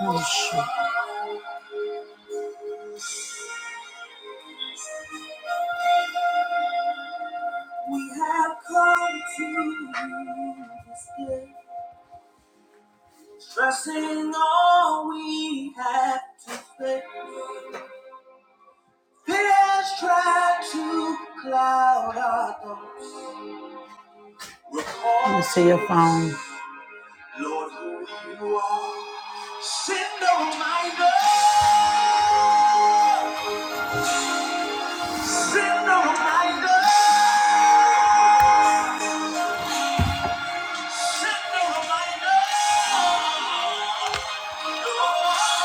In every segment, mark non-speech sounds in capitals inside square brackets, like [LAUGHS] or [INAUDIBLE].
Oh, We have come to this place, trusting all we have to say. Fears try to cloud our thoughts. We're Let me see your phone. Lord, who you are, send a reminder. Send a reminder. Send a reminder.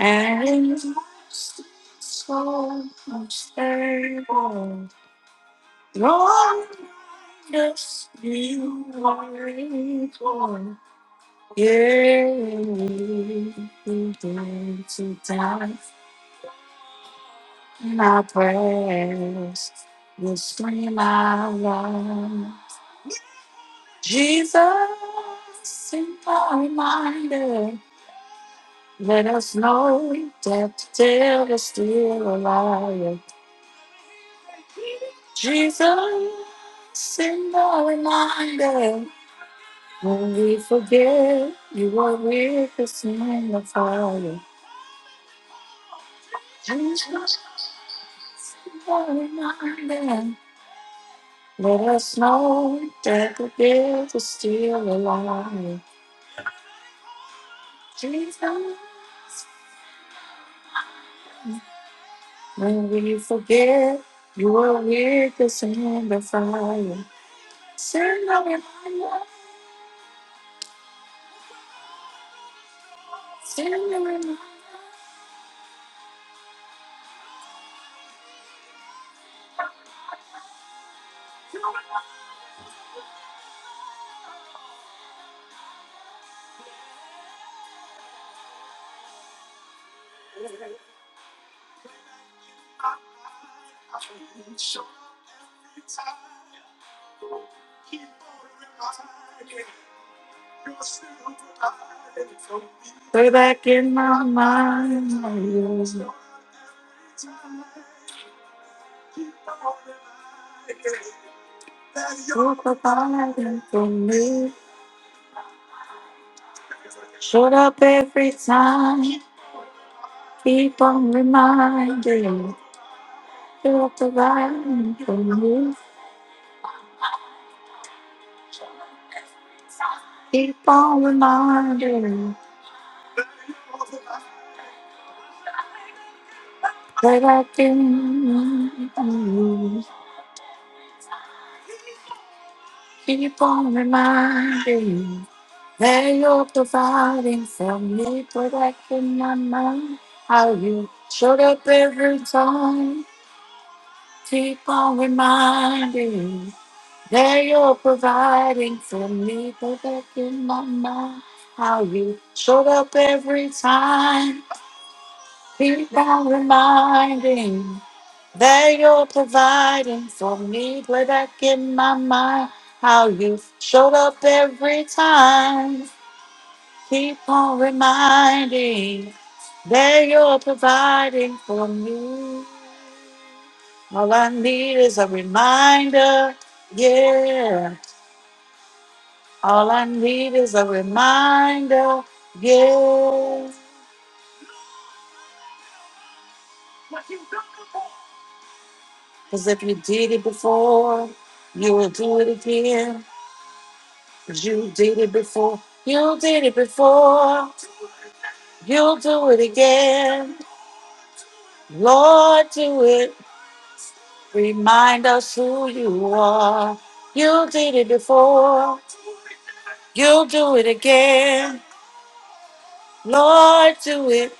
And so unstable. Lord, yes, you are equal. Yeah, you did to die. And I praise will scream out loud. Jesus, simple reminder. Let us know that the devil's is still alive. Jesus, send a reminder. When we forget, you are with us in the fire. Jesus, send a reminder. Let us know that the devil's is still alive. Jesus, when we forget, you are with us in the fire. Send a reminder. Way back in my mind, I was so providing for me. Showed up every time, keep on reminding. You're providing for me, keep on reminding. Way back in, my mind, keep on reminding. That you're providing for me, protecting my mind. How you showed up every time. Keep on reminding. that you're providing for me, protecting my mind. How you showed up every time. Keep on reminding. That you're providing for me, protecting my mind. How you showed up every time. Keep on reminding that you're providing for me. All I need is a reminder, yeah. All I need is a reminder, yeah. Because if you did it before, you will do it again. 'Cause you did it before, you did it before, you'll do it again. Lord, do it. Remind us who you are. You did it before. You'll do it again. Lord, do it.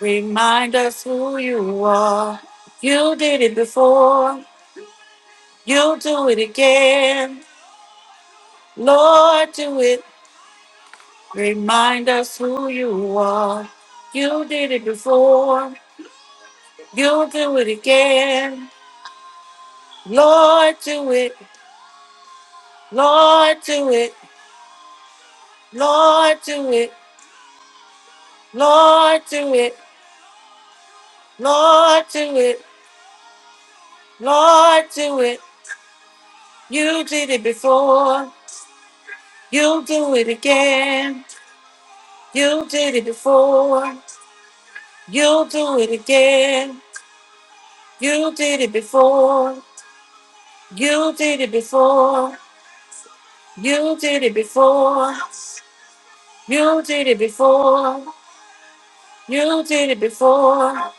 Remind us who you are. You did it before. You'll do it again. Lord, do it. Remind us who you are. You did it before. You'll do it again. Lord, do it. Lord, do it. Lord, do it. Lord, do it. Lord, do it. Lord, do it. You did it before. You do it again. You did it before. You do it again. You did it before. You did it before. You did it before. You did it before. You did it before.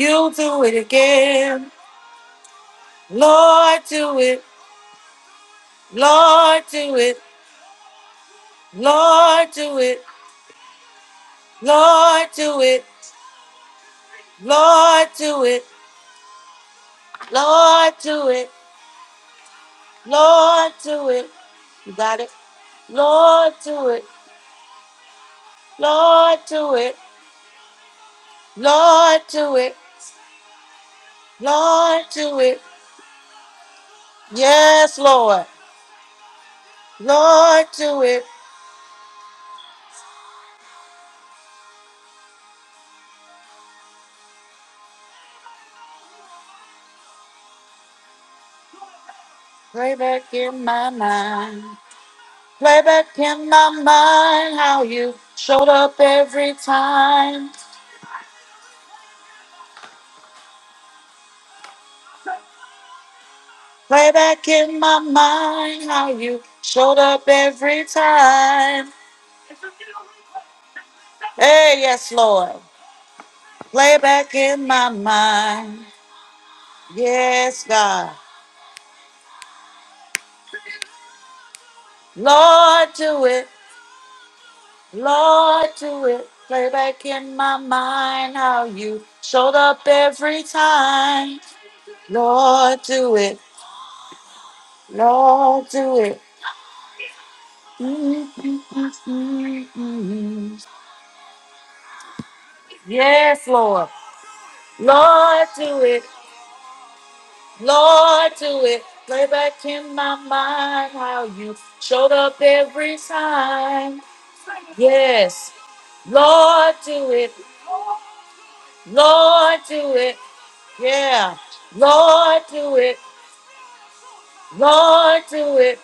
You do it again. Lord, do it. Lord, do it. Lord, do it. Lord, do it. Lord, do it. Lord, do it. Lord, do it. You got it? Lord, do it. Lord, do it. Lord, do it. Lord, do it. Yes, Lord. Lord, do it. Play back in my mind. Play back in my mind how you showed up every time. Play back in my mind how you showed up every time. Hey, yes, Lord. Play back in my mind. Yes, God. Lord, do it. Lord, do it. Play back in my mind how you showed up every time. Lord, do it. Lord, do it. Mm, mm, mm, mm, mm. Yes, Lord. Lord, do it. Lord, do it. Play back in my mind how you showed up every time. Yes. Lord, do it. Lord, do it. Yeah. Lord, do it. Lord, do it.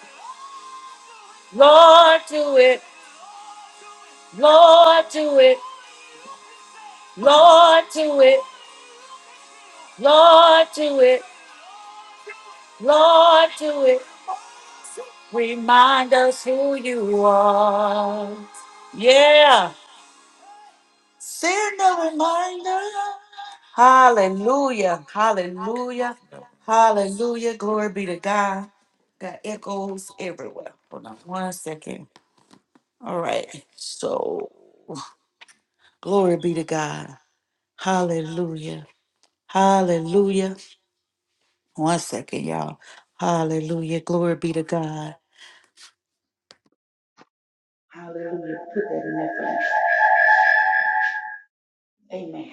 Lord, do it. Lord, do it. Lord, do it. Lord, do it. Lord, do it. Remind us who you are. Yeah. Send a reminder. Hallelujah. Hallelujah. Hallelujah. Glory be to God. Got echoes everywhere. Hold on one second. All right. So, glory be to God. Hallelujah. Hallelujah. One second, y'all. Hallelujah. Glory be to God. Hallelujah. Put that in there for Amen.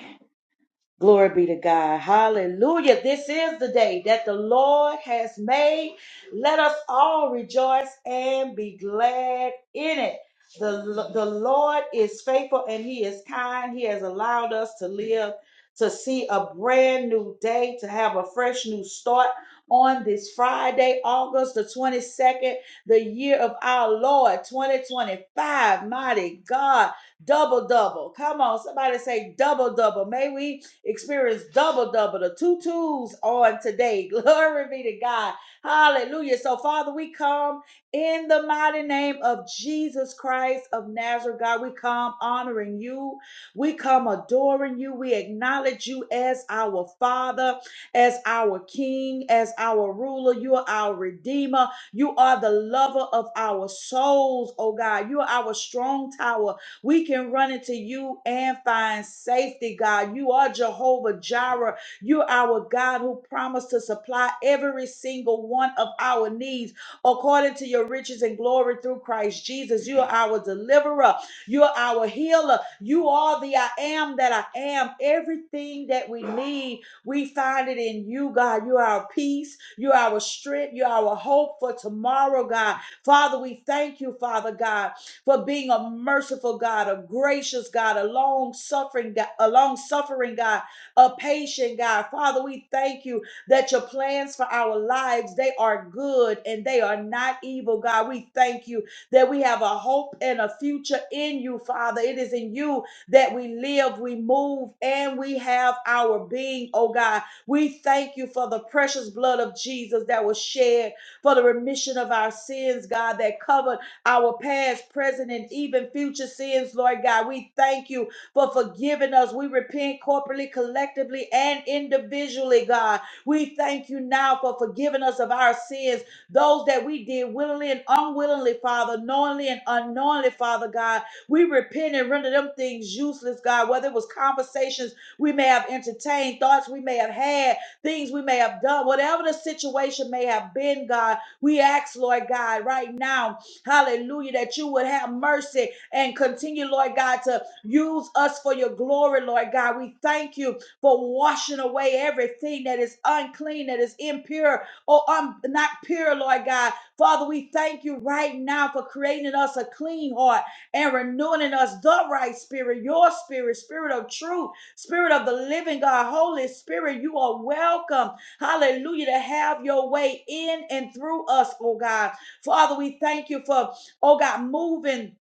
Glory be to God. Hallelujah. This is the day that the Lord has made. Let us all rejoice and be glad in it. The, the Lord is faithful and He is kind. He has allowed us to live, to see a brand new day, to have a fresh new start on this Friday, August the 22nd, the year of our Lord 2025. Mighty God, double, double. Come on, somebody say double, double. May we Experience double, double, the two twos on today. [LAUGHS] Glory be to God. Hallelujah. So, Father, we come in the mighty name of Jesus Christ of Nazareth. God, we come honoring you. We come adoring you. We acknowledge you as our Father, as our King, as our ruler. You are our Redeemer. You are the lover of our souls, oh God. You are our strong tower. We can run into you and find safety, God. You are Jehovah Jireh. You're our God who promised to supply every single one of our needs according to your riches and glory through Christ Jesus. You are our deliverer. You're our healer. You are the I am that I am. Everything that we need, we find it in you, God. You are our peace. You are our strength. You are our hope for tomorrow, God. Father, we thank you, Father God for being a merciful God, a gracious God, a long suffering God, a long suffering God, a patient God. Father, we thank you that your plans for our lives, they are good and they are not evil, God. We thank you that we have a hope and a future in you, Father. It is in you that we live, we move, and we have our being, oh God. We thank you for the precious blood of Jesus that was shed for the remission of our sins, God, that covered our past, present, and even future sins, Lord God. We thank you for forgiving us. We repent corporately, collectively, and individually, God. We thank you now for forgiving us of our sins, those that we did willingly and unwillingly, Father, knowingly and unknowingly, Father God. We repent and render them things useless, God, whether it was conversations we may have entertained, thoughts we may have had, things we may have done, whatever the situation may have been, God. We ask, Lord God, right now. Hallelujah. That you would have mercy and continue, Lord God, to use us for your glory, Lord God. We thank you for washing away everything that is unclean, that is impure, or un- not pure, Lord God. Father, we thank you right now for creating in us a clean heart and renewing in us the right spirit, your spirit, spirit of truth, spirit of the living God, Holy Spirit. You are welcome, hallelujah, to have your way in and through us, oh God. Father, we thank you for, oh God, moving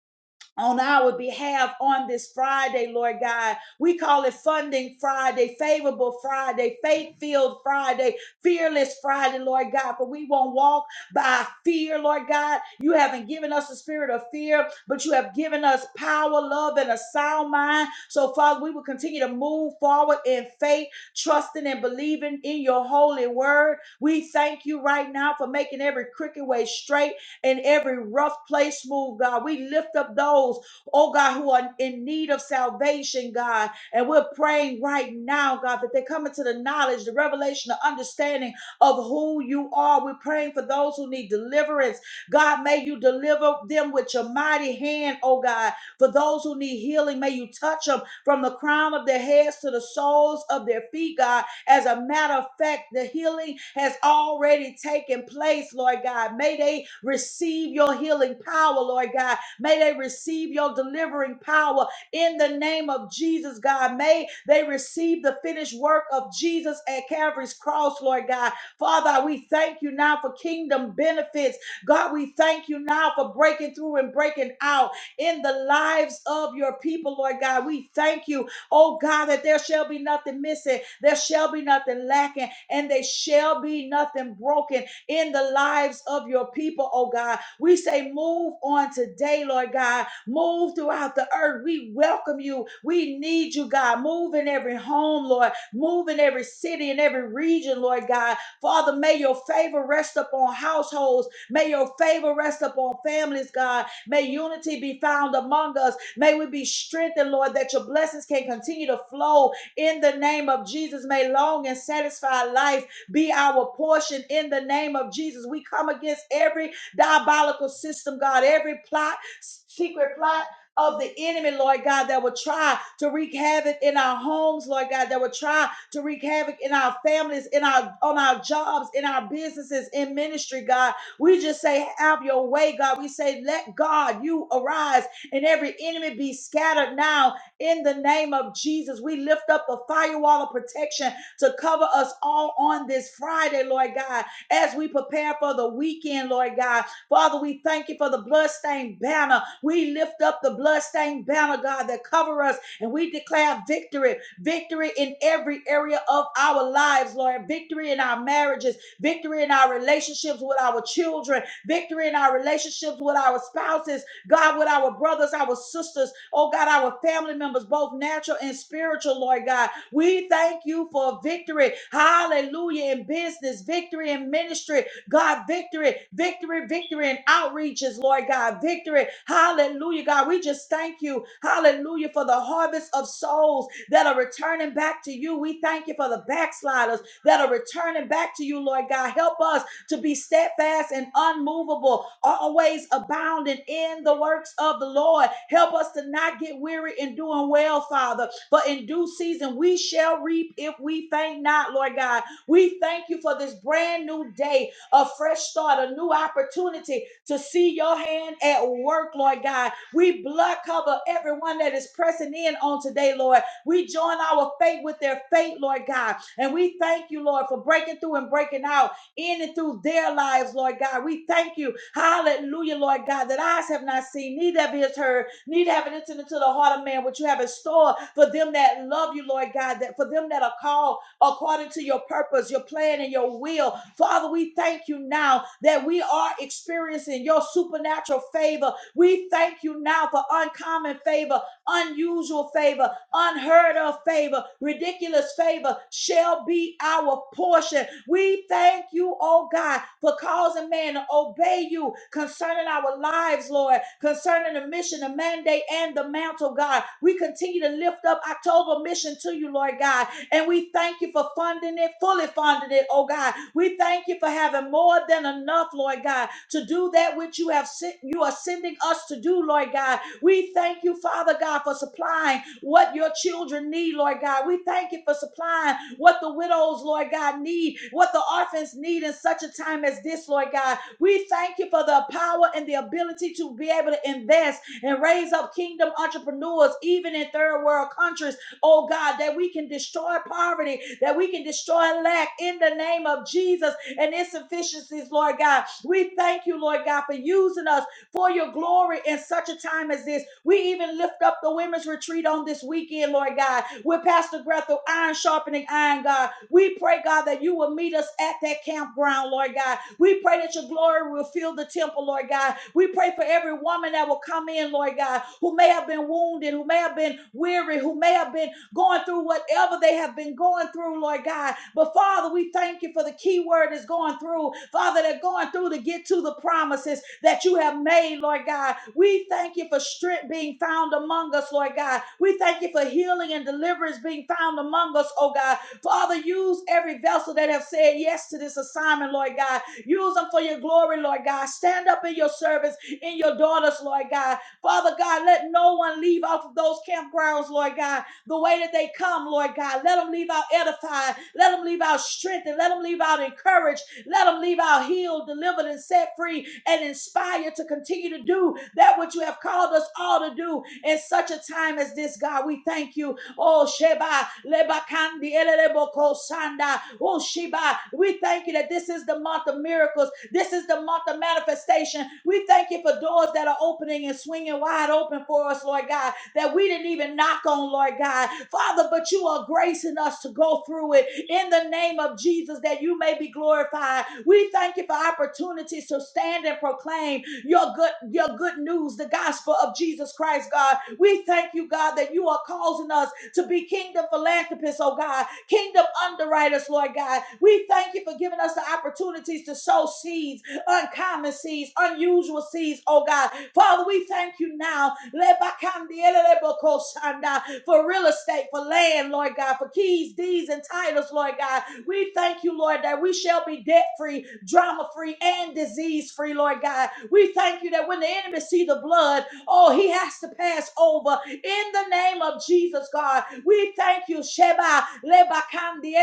on our behalf on this Friday, Lord God. We call it Funding Friday, Favorable Friday, Faith Filled Friday, Fearless Friday, Lord God. For we won't walk by fear, Lord God. You haven't given us a spirit of fear, but you have given us power, love, and a sound mind. So, Father, we will continue to move forward in faith, trusting and believing in your holy word. We thank you right now for making every crooked way straight in every rough place move, God. We lift up those, oh God, who are in need of salvation, God. And we're praying right now, God, that they come into the knowledge, the revelation, the understanding of who you are. We're praying for those who need deliverance. God, may you deliver them with your mighty hand, oh God. For those who need healing, may you touch them from the crown of their heads to the soles of their feet, God as a matter of fact, the healing has already taken place, Lord God. May they receive your healing power, Lord God. May they receive your delivering power in the name of Jesus, God. May they receive the finished work of Jesus at Calvary's cross, Lord God. Father, we thank you now for kingdom benefits. God, we thank you now for breaking through and breaking out in the lives of your people, Lord God. We thank you Oh God, that there shall be nothing missing, there shall be nothing lacking, and there shall be nothing broken in the lives of your people, oh God. We say, move on today, Lord God. Move throughout the earth. We welcome you. We need you, God. Move in every home, Lord. Move in every city and every region, Lord God. Father, may your favor rest upon households. May your favor rest upon families, God. May unity be found among us. May we be strengthened, Lord, that your blessings can continue to flow in the name of Jesus. May long and satisfied life be our portion in the name of Jesus. We come against every diabolical system, God, every plot, secret plot. Of the enemy, Lord God, that will try to wreak havoc in our homes, Lord God, that will try to wreak havoc in our families, in our on our jobs, in our businesses, in ministry, God. We just say, have your way, God. We say, let God, you arise and every enemy be scattered now in the name of Jesus. We lift up a firewall of protection to cover us all on this Friday, Lord God, as we prepare for the weekend, Lord God. Father, we thank you for the bloodstained banner. We lift up the bloodstained banner, God, that cover us and we declare victory, victory in every area of our lives, Lord, victory in our marriages, victory in our relationships with our children, victory in our relationships with our spouses, God, with our brothers, our sisters, oh God, our family members, both natural and spiritual, Lord God. We thank you for victory. Hallelujah. In business, victory in ministry, God, victory, victory, victory in outreaches, Lord God, victory. Hallelujah, God. We just thank you, hallelujah, for the harvest of souls that are returning back to you. We thank you for the backsliders that are returning back to you, Lord God. Help us to be steadfast and unmovable, always abounding in the works of the Lord. Help us to not get weary in doing well, Father. For in due season we shall reap if we faint not, Lord God. We thank you for this brand new day, a fresh start, a new opportunity to see your hand at work, Lord God. We blood cover everyone that is pressing in on today, Lord. We join our faith with their faith, Lord God. And we thank you, Lord, for breaking through and breaking out in and through their lives, Lord God. We thank you, hallelujah, Lord God, that eyes have not seen, neither have ears heard, neither have it entered into the heart of man, what you have in store for them that love you, Lord God, that for them that are called according to your purpose, your plan, and your will. Father, we thank you now that we are experiencing your supernatural favor. We thank you now for uncommon favor, unusual favor, unheard of favor, ridiculous favor shall be our portion. We thank you, oh God, for causing man to obey you concerning our lives, Lord, concerning the mission, the mandate, and the mantle, God. We continue to lift up October mission to you, Lord God, and we thank you for funding it, fully funding it, oh God. We thank you for having more than enough, Lord God, to do that which you have sent, you are sending us to do, Lord God we thank you, Father God, for supplying what your children need, Lord God. We thank you for supplying what the widows, Lord God, need, what the orphans need in such a time as this, Lord God. We thank you for the power and the ability to be able to invest and raise up kingdom entrepreneurs, even in third world countries, oh God, that we can destroy poverty, that we can destroy lack in the name of Jesus and insufficiencies, Lord God. We thank you, Lord God, for using us for your glory in such a time as this. We even lift up the women's retreat on this weekend, Lord God, with Pastor Grethel, iron sharpening iron, God. We pray, God, that you will meet us at that campground, Lord God. We pray that your glory will fill the temple, Lord God. We pray for every woman that will come in, Lord God, who may have been wounded, who may have been weary, who may have been going through whatever they have been going through, Lord God. But Father, we thank you for the key word is going through. Father, they're going through to get to the promises that you have made, Lord God. We thank you for strength being found among us, Lord God. We thank you for healing and deliverance being found among us, oh God. Father, use every vessel that have said yes to this assignment, Lord God. Use them for your glory, Lord God. Stand up in your service in your daughters, Lord God. Father God, let no one leave off of those campgrounds, Lord God the way that they come, Lord God. Let them leave out edified. Let them leave out strengthened. Let them leave out encouraged. Let them leave out healed, delivered, and set free and inspired to continue to do that which you have called us all to do in such a time as this, God. We thank you. Oh, Sheba, Leba Kandi, Eleleboko Sanda. Oh, Sheba, we thank you that this is the month of miracles. This is the month of manifestation. We thank you for doors that are opening and swinging wide open for us, Lord God that we didn't even knock on, Lord God. Father, but you are gracing us to go through it in the name of Jesus that you may be glorified. We thank you for opportunities to stand and proclaim your good your good news, the gospel of Jesus Christ, God. We thank you, God, that you are causing us to be kingdom philanthropists, oh God, kingdom underwriters, Lord God. We thank you for giving us the opportunities to sow seeds, uncommon seeds, unusual seeds, oh God. Father, we thank you now Lebakandielelebokosanda, for real estate, for land, Lord God, for keys, deeds, and titles, Lord God. We thank you, Lord, that we shall be debt free, drama free, and disease free, Lord God. We thank you that when the enemy see the blood, oh, he has to pass over in the name of Jesus, God, we thank you, Sheba, Leba Kandi,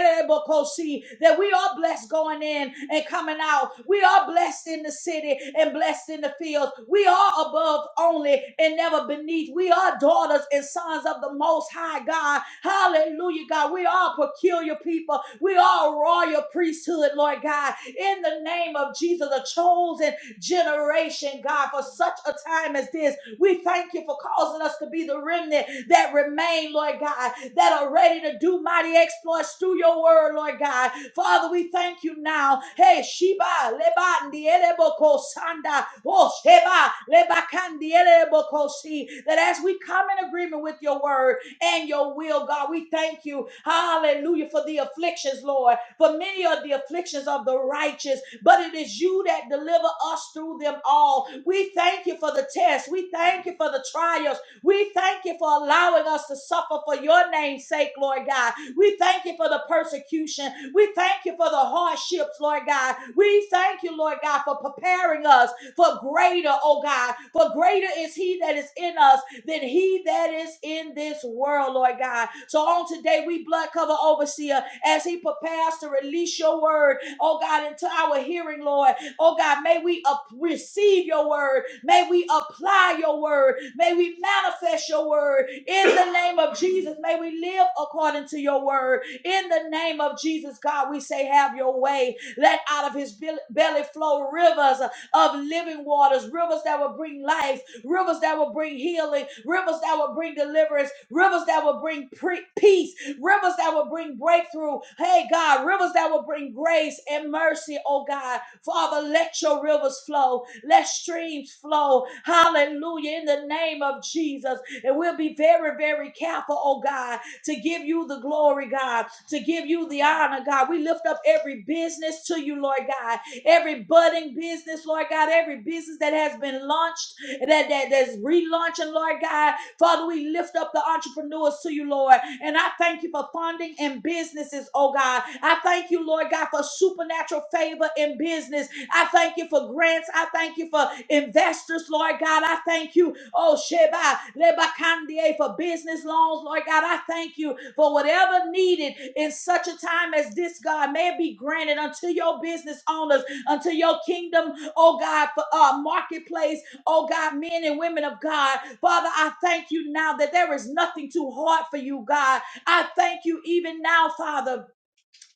that we are blessed going in and coming out. We are blessed in the city and blessed in the fields. We are above only and never beneath. We are daughters and sons of the Most High God. Hallelujah, God. We are a peculiar people. We are a royal priesthood, Lord God. In the name of Jesus, a chosen generation, God, for such a time as this. We thank you for causing us to be the remnant that remain, Lord God, that are ready to do mighty exploits through your word, Lord God. Father, we thank you now. Hey, Sheba, Leba, Ndieleboko, Sanda, Oh, Sheba, Leba, Kandieleboko, Si, that as we come in agreement with your word and your will, God, we thank you, hallelujah, for the afflictions, Lord, for many are the afflictions of the righteous, but it is you that deliver us through them all. We thank you for the test. We thank you for the trials. We thank you for allowing us to suffer for your name's sake, Lord God. We thank you for the persecution. We thank you for the hardships, Lord God. We thank you, Lord God, for preparing us for greater, oh God. For greater is he that is in us than he that is in this world, Lord God. So on today, we blood cover overseer as he prepares to release your word, oh God, into our hearing, Lord. Oh God, may we up- receive your word. May we apply your word. May we manifest your word in the name of Jesus. May we live according to your word in the name of Jesus. God, we say, have your way. Let out of his bel- belly flow rivers of living waters, rivers that will bring life, rivers that will bring healing, rivers that will bring deliverance, rivers that will bring pre- peace rivers that will bring breakthrough. Hey, God, rivers that will bring grace and mercy, oh God. Father, let your rivers flow, let streams flow. Hallelujah, in the name of Jesus. And we'll be very, very careful, oh God, to give you the glory, God, to give you the honor, God. We lift up every business to you, Lord God, every budding business, Lord God, every business that has been launched, that, that that's relaunching, Lord God. Father, we lift up the entrepreneurs to you, Lord. And I thank you for funding and businesses, oh God. I thank you, Lord God, for supernatural favor in business. I thank you for grants. I thank you for investors, Lord God. I thank you, oh Sheba, Leba Kandie, for business loans, Lord God. I thank you for whatever needed in such a time as this, God. May it be granted unto your business owners, unto your kingdom, oh God, for uh, marketplace, oh God, men and women of God. Father, I thank you now that there is nothing too hard for you, God. I thank you even now, Father.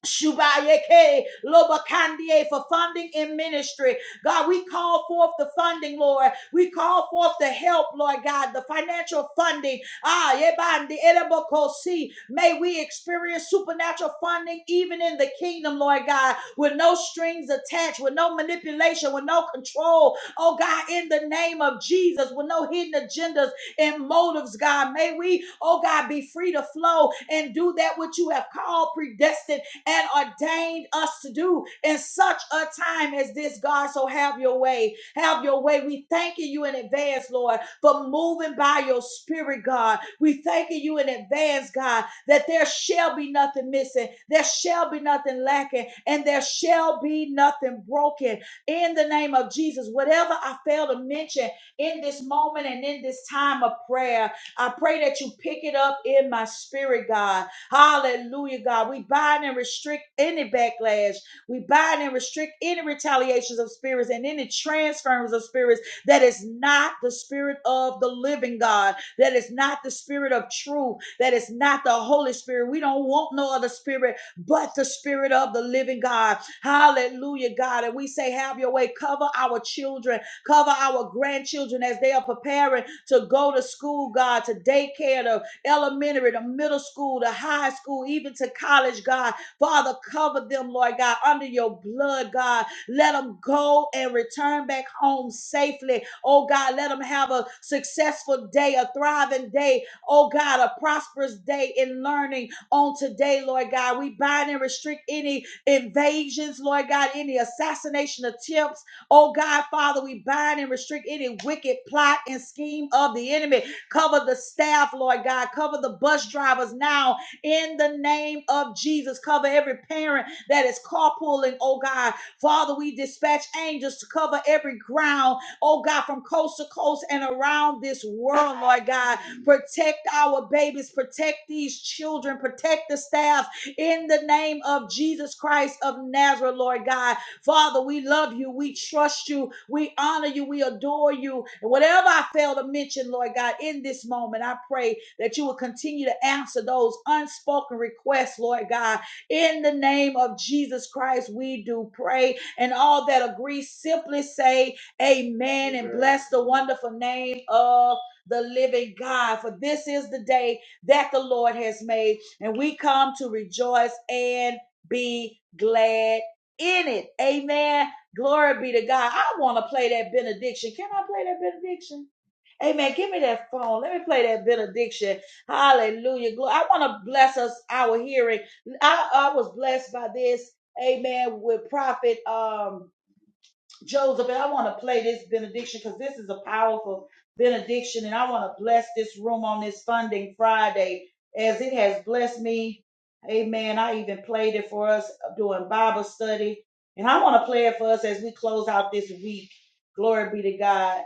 Shubayeke Lobakandie for funding in ministry. God, we call forth the funding, Lord. We call forth the help, Lord God, the financial funding. Ah, Yebandi Elebokosi. May we experience supernatural funding even in the kingdom, Lord God, with no strings attached, with no manipulation, with no control. Oh God, in the name of Jesus, with no hidden agendas and motives, God. May we, oh God, be free to flow and do that which you have called predestined and ordained us to do in such a time as this, God. So have your way. Have your way. We thanking you in advance, Lord, for moving by your spirit, God. We thanking you in advance, God, that there shall be nothing missing, there shall be nothing lacking, and there shall be nothing broken. In the name of Jesus, whatever I fail to mention in this moment and in this time of prayer, I pray that you pick it up in my spirit, God Hallelujah, God. We bind and restrict any backlash. We bind and restrict any retaliations of spirits and any transference of spirits that is not the spirit of the living God, that is not the spirit of truth, that is not the Holy Spirit. We don't want no other spirit but the spirit of the living God. Hallelujah, God. And we say, have your way. Cover our children, cover our grandchildren as they are preparing to go to school, God, to daycare, to." elementary to middle school to high school, even to college, God. Father, cover them, Lord God, under your blood, God. Let them go and return back home safely. Oh God, let them have a successful day, a thriving day. Oh God, a prosperous day in learning on today, Lord God. We bind and restrict any invasions, Lord God, any assassination attempts. Oh God, Father, we bind and restrict any wicked plot and scheme of the enemy. Cover the staff, Lord God. Cover the bus drivers now in the name of Jesus. Cover every parent that is carpooling, oh God. Father, we dispatch angels to cover every ground, oh God, from coast to coast and around this world, Lord God. Protect our babies, protect these children, protect the staff in the name of Jesus Christ of Nazareth, Lord God. Father, we love you. We trust you. We honor you. We adore you. And whatever I fail to mention, Lord God, in this moment, I pray that you will continue to answer those unspoken requests, Lord God. In the name of Jesus Christ, we do pray. And all that agree, simply say amen and bless the wonderful name of the living God. For this is the day that the Lord has made, and we come to rejoice and be glad in it. Amen. Glory be to God. I want to play that benediction. Can I play that benediction? Amen. Give me that phone. Let me play that benediction. Hallelujah. Glory. I want to bless us our hearing. I, I was blessed by this. Amen. With prophet um Joseph, I want to play this benediction because this is a powerful benediction, and I want to bless this room on this Funding Friday as it has blessed me. Amen. I even played it for us doing Bible study, and I want to play it for us as we close out this week. Glory be to God.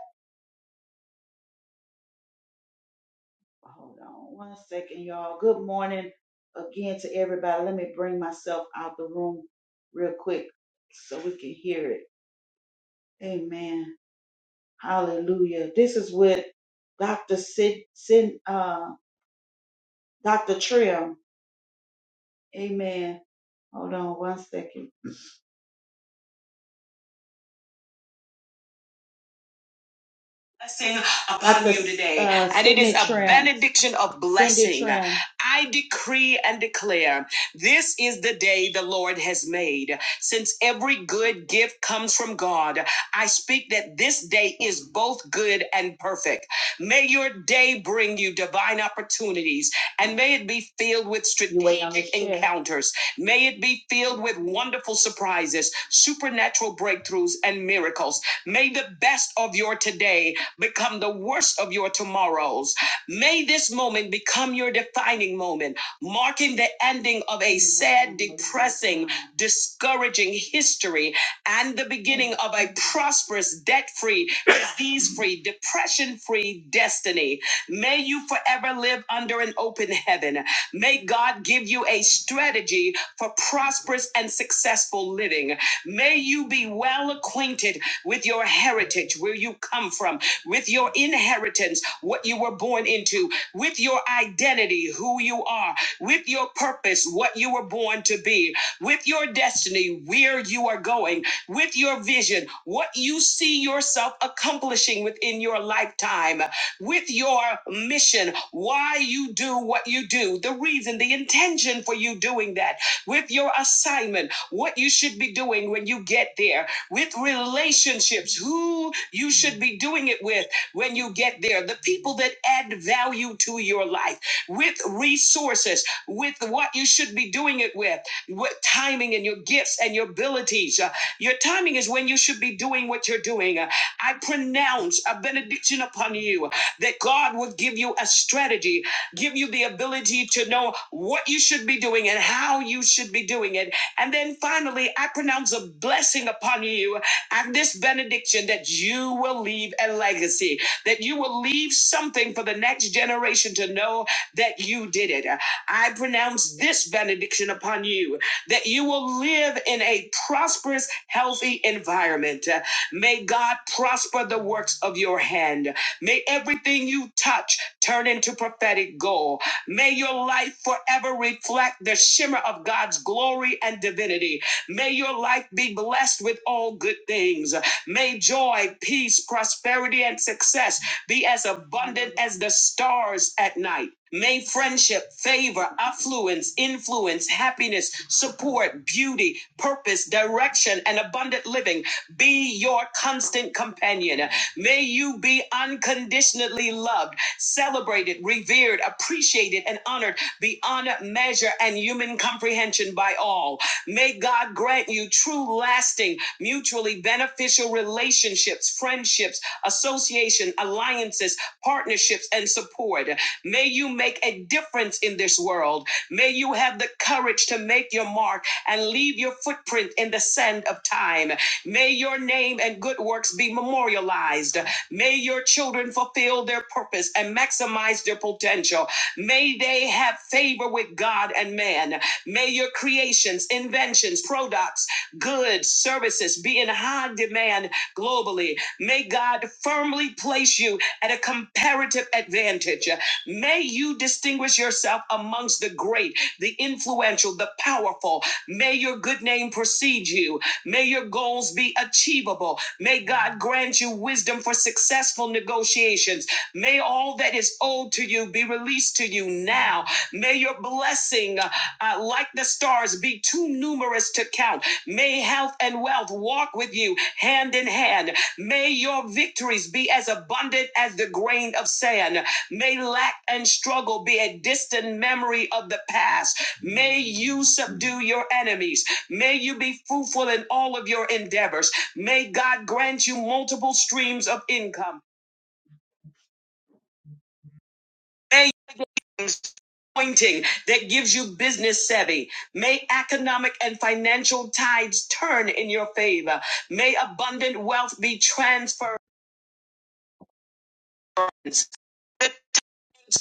Hold on one second, y'all. Good morning again to everybody. Let me bring myself out the room real quick so we can hear it. Amen. Hallelujah. This is what Dr. Sid, Sid uh, Dr. Trim. Amen. Hold on one second. blessing upon you today, uh, and it is Sydney a Signet Tran. benediction of Cindy blessing. Signet Tran. I decree and declare this is the day the Lord has made. Since every good gift comes from God, I speak that this day is both good and perfect. May your day bring you divine opportunities, and may it be filled with You waiting on me strategic to encounters. May it be filled with wonderful surprises, supernatural breakthroughs, and miracles. May the best of your today become the worst of your tomorrows. May this moment become your defining moment, marking the ending of a sad, depressing, discouraging history and the beginning of a prosperous, debt free, disease free, depression free destiny. May you forever live under an open heaven. May God give you a strategy for prosperous and successful living. May you be well acquainted with your heritage, where you come from with your inheritance, what you were born into, with your identity, who you are, with your purpose, what you were born to be, with your destiny, where you are going, with your vision, what you see yourself accomplishing within your lifetime, with your mission, why you do what you do, the reason, the intention for you doing that, with your assignment, what you should be doing when you get there with relationships, who you should be doing it with when you get there, the people that add value to your life, with resources, with what you should be doing it with, with timing and your gifts and your abilities. Uh, your timing is when you should be doing what you're doing. Uh, I pronounce a benediction upon you that God would give you a strategy, give you the ability to know what you should be doing and how you should be doing it and then finally, I pronounce a blessing upon you and this benediction that you will leave a legacy, that you will leave something for the next generation to know that you did it. I pronounce this benediction upon you that you will live in a prosperous, healthy environment. Uh, May God prosper the works of your hand. May everything you touch turn into prophetic gold. May your life forever reflect the shimmer of God's glory and divinity. May your life be blessed with all good things. May joy, peace, prosperity, and success be as abundant as the stars at night. May friendship, favor, affluence, influence, happiness, support, beauty, purpose, direction, and abundant living be your constant companion. May you be unconditionally loved celebrated, revered, appreciated, and honored beyond measure and human comprehension by all. May God grant you true, lasting, mutually beneficial relationships, friendships, association, alliances, partnerships, and support. May you make a difference in this world. May you have the courage to make your mark and leave your footprint in the sand of time. May your name and good works be memorialized. May your children fulfill their purpose and maximize their potential. May they have favor with God and man. May your creations, inventions, products, goods, services be in high demand globally. May God firmly place you at a comparative advantage. May you distinguish yourself amongst the great, the influential, the powerful. May your good name precede you. May your goals be achievable. May God grant you wisdom for successful negotiations. May all that is owed to you be released to you now. May your blessing, uh, uh, like the stars, be too numerous to count. May health and wealth walk with you hand in hand. May your victories be as abundant as the grain of sand. May lack and struggle be a distant memory of the past. May you subdue your enemies. May you be fruitful in all of your endeavors. May God grant you multiple streams of income. May Pointing that gives you business savvy. May economic and financial tides turn in your favor. May abundant wealth be transferred.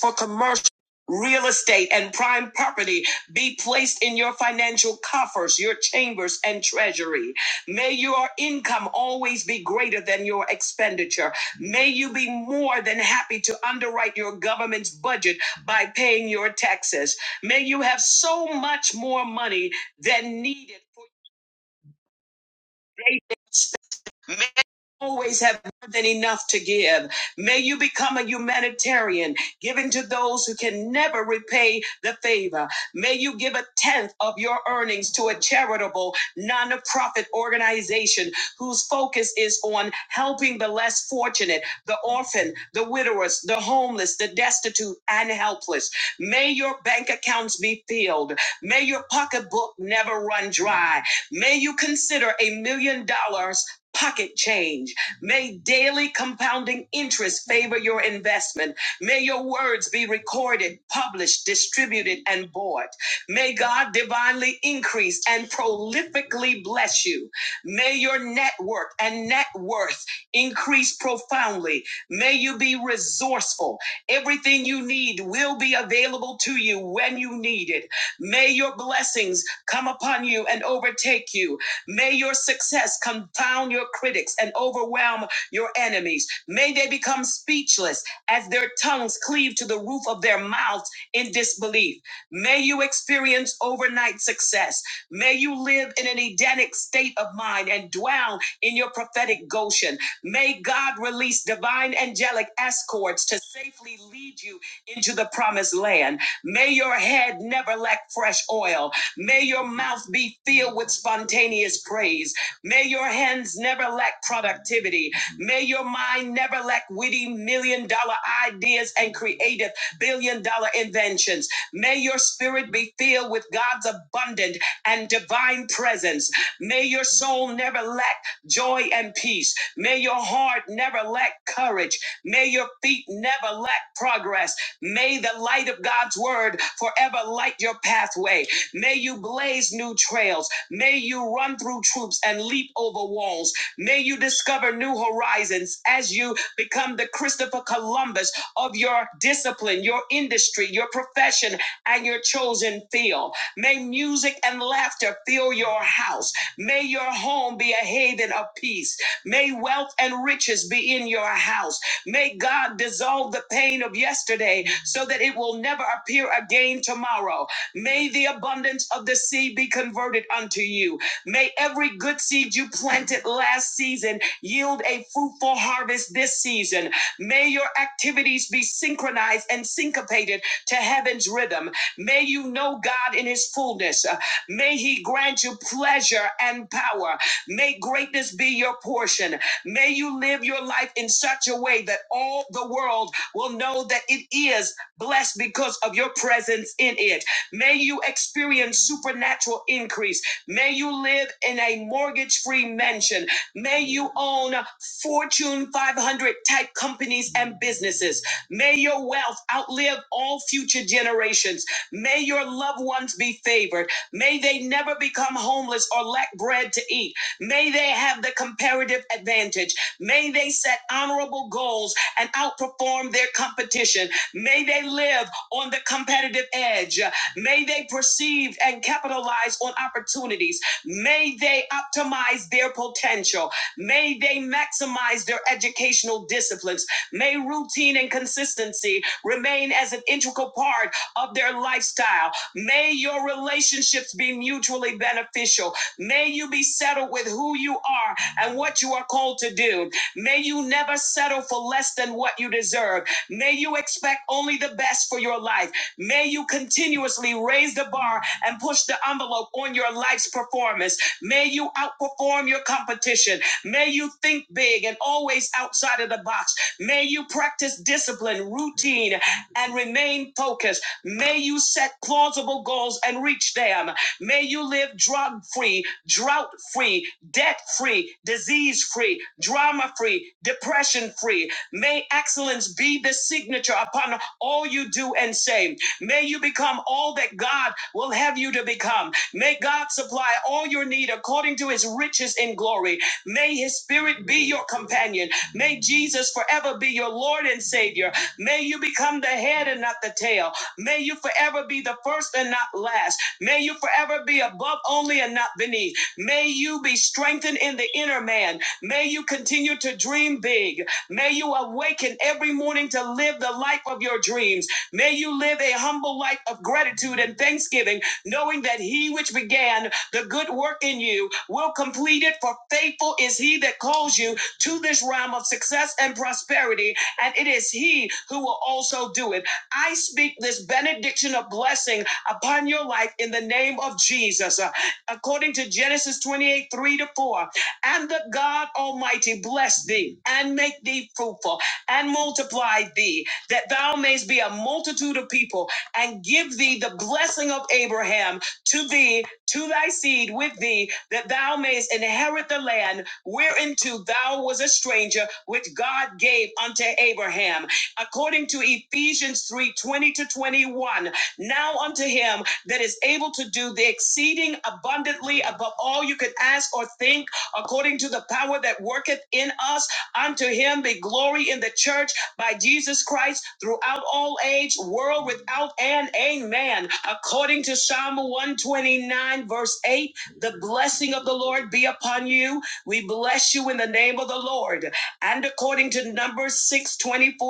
for commercial real estate and prime property be placed in your financial coffers, your chambers and treasury. May your income always be greater than your expenditure. May you be more than happy to underwrite your government's budget by paying your taxes. May you have so much more money than needed for your daily always have more than enough to give. May you become a humanitarian, giving to those who can never repay the favor. May you give a tenth of your earnings to a charitable, nonprofit organization whose focus is on helping the less fortunate, the orphan, the widowers, the homeless, the destitute, and helpless. May your bank accounts be filled. May your pocketbook never run dry. May you consider a million dollars pocket change. May daily compounding interest favor your investment. May your words be recorded, published, distributed, and bought. May God divinely increase and prolifically bless you. May your network and net worth increase profoundly. May you be resourceful. Everything you need will be available to you when you need it. May your blessings come upon you and overtake you. May your success confound your critics and overwhelm your enemies. May they become speechless as their tongues cleave to the roof of their mouths in disbelief. May you experience overnight success. May you live in an Edenic state of mind and dwell in your prophetic Goshen. May God release divine angelic escorts to safely lead you into the promised land. May your head never lack fresh oil. May your mouth be filled with spontaneous praise. May your hands never lack productivity. May your mind never lack witty million dollar ideas and creative billion dollar inventions. May your spirit be filled with God's abundant and divine presence. May your soul never lack joy and peace. May your heart never lack courage. May your feet never lack progress. May the light of God's word forever light your pathway. May you blaze new trails. May you run through troops and leap over walls. May you discover new horizons as you become the Christopher Columbus of your discipline, your industry, your profession, and your chosen field. May music and laughter fill your house. May your home be a haven of peace. May wealth and riches be in your house. May God dissolve the pain of yesterday so that it will never appear again tomorrow. May the abundance of the seed be converted unto you. May every good seed you planted last season yield a fruitful harvest this season. May your activities be synchronized and syncopated to heaven's rhythm. May you know God in his fullness. Uh, May he grant you pleasure and power. May greatness be your portion. May you live your life in such a way that all the world will know that it is blessed because of your presence in it. May you experience supernatural increase. May you live in a mortgage free mansion. May you own Fortune 500 type companies and businesses. May your wealth outlive all future generations. May your loved ones be favored. May they never become homeless or lack bread to eat. May they have the comparative advantage. May they set honorable goals and outperform their competition. May they live on the competitive edge. May they perceive and capitalize on opportunities. May they optimize their potential. May they maximize their educational disciplines. May routine and consistency remain as an integral part of their lifestyle. May your relationships be mutually beneficial. May you be settled with who you are and what you are called to do. May you never settle for less than what you deserve. May you expect only the best for your life. May you continuously raise the bar and push the envelope on your life's performance. May you outperform your competition. May you think big and always outside of the box. May you practice discipline, routine, and remain focused. May you set plausible goals and reach them. May you live drug free, drought free, debt free, disease free, drama free, depression free. May excellence be the signature upon all you do and say. May you become all that God will have you to become. May God supply all your need according to his riches in glory. May his spirit be your companion. May Jesus forever be your Lord and Savior. May you become the head and not the tail. May you forever be the first and not last. May you forever be above only and not beneath. May you be strengthened in the inner man. May you continue to dream big. May you awaken every morning to live the life of your dreams. May you live a humble life of gratitude and thanksgiving, knowing that he which began the good work in you will complete it, for faithful is he that calls you to this realm of success and prosperity, and it is he who will also do it. I speak this benediction of blessing upon your life in the name of Jesus. Uh, According to Genesis 28 3 to 4, and the God Almighty bless thee and make thee fruitful and multiply thee that thou mayst be a multitude of people, and give thee the blessing of Abraham to thee, to thy seed with thee, that thou mayst inherit the land whereinto thou was a stranger, which God gave unto Abraham. According to Ephesians 3 20 to 21, now unto him that is able to do the exceeding abundantly above all you could ask or think, according to the power that worketh in us, unto him be glory in the church by Jesus Christ throughout all age, world without end. Amen. According to Psalm 129, verse 8, the blessing of the Lord be upon you. We bless you in the name of the Lord. And according to Numbers 6:24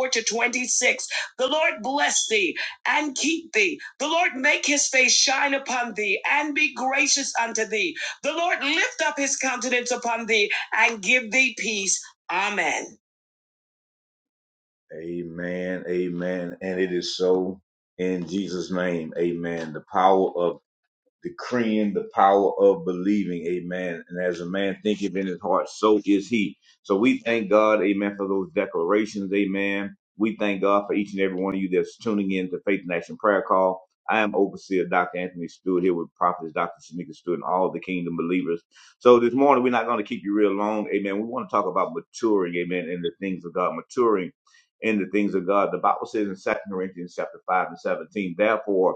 to 26, the Lord bless thee and keep thee. The Lord make his face shine upon thee and be gracious unto thee. The Lord lift up his countenance upon thee and give thee peace. Amen. Amen. Amen. And it is so in Jesus' name. Amen. The power of decreeing the power of believing, amen. And as a man thinketh in his heart, so is he. So we thank God, amen, for those declarations, amen. We thank God for each and every one of you that's tuning in to Faith and Action Prayer Call. I am Overseer Dr. Anthony Stewart here with Prophets Dr. Shanika Stewart and all the kingdom believers. So this morning, we're not going to keep you real long, amen. We want to talk about maturing, amen, in the things of God, maturing in the things of God. The Bible says in Second Corinthians chapter 5 and 17, therefore,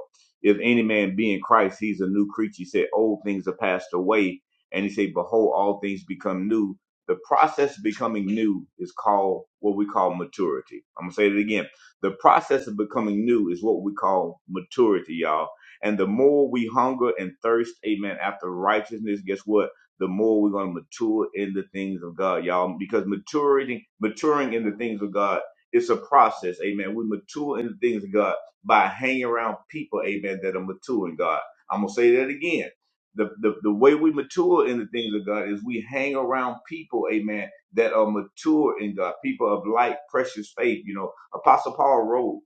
if any man be in Christ, he's a new creature. He said, Old things are passed away. And he said, Behold, all things become new. The process of becoming new is called what we call maturity. I'm going to say it again. The process of becoming new is what we call maturity, y'all. And the more we hunger and thirst, amen, after righteousness, guess what? The more we're going to mature in the things of God, y'all. Because maturing, maturing in the things of God, it's a process, amen. We mature in the things of God by hanging around people, amen, that are mature in God. I'm gonna say that again. The, the, the way we mature in the things of God is we hang around people, amen, that are mature in God, people of light, precious faith. You know, Apostle Paul wrote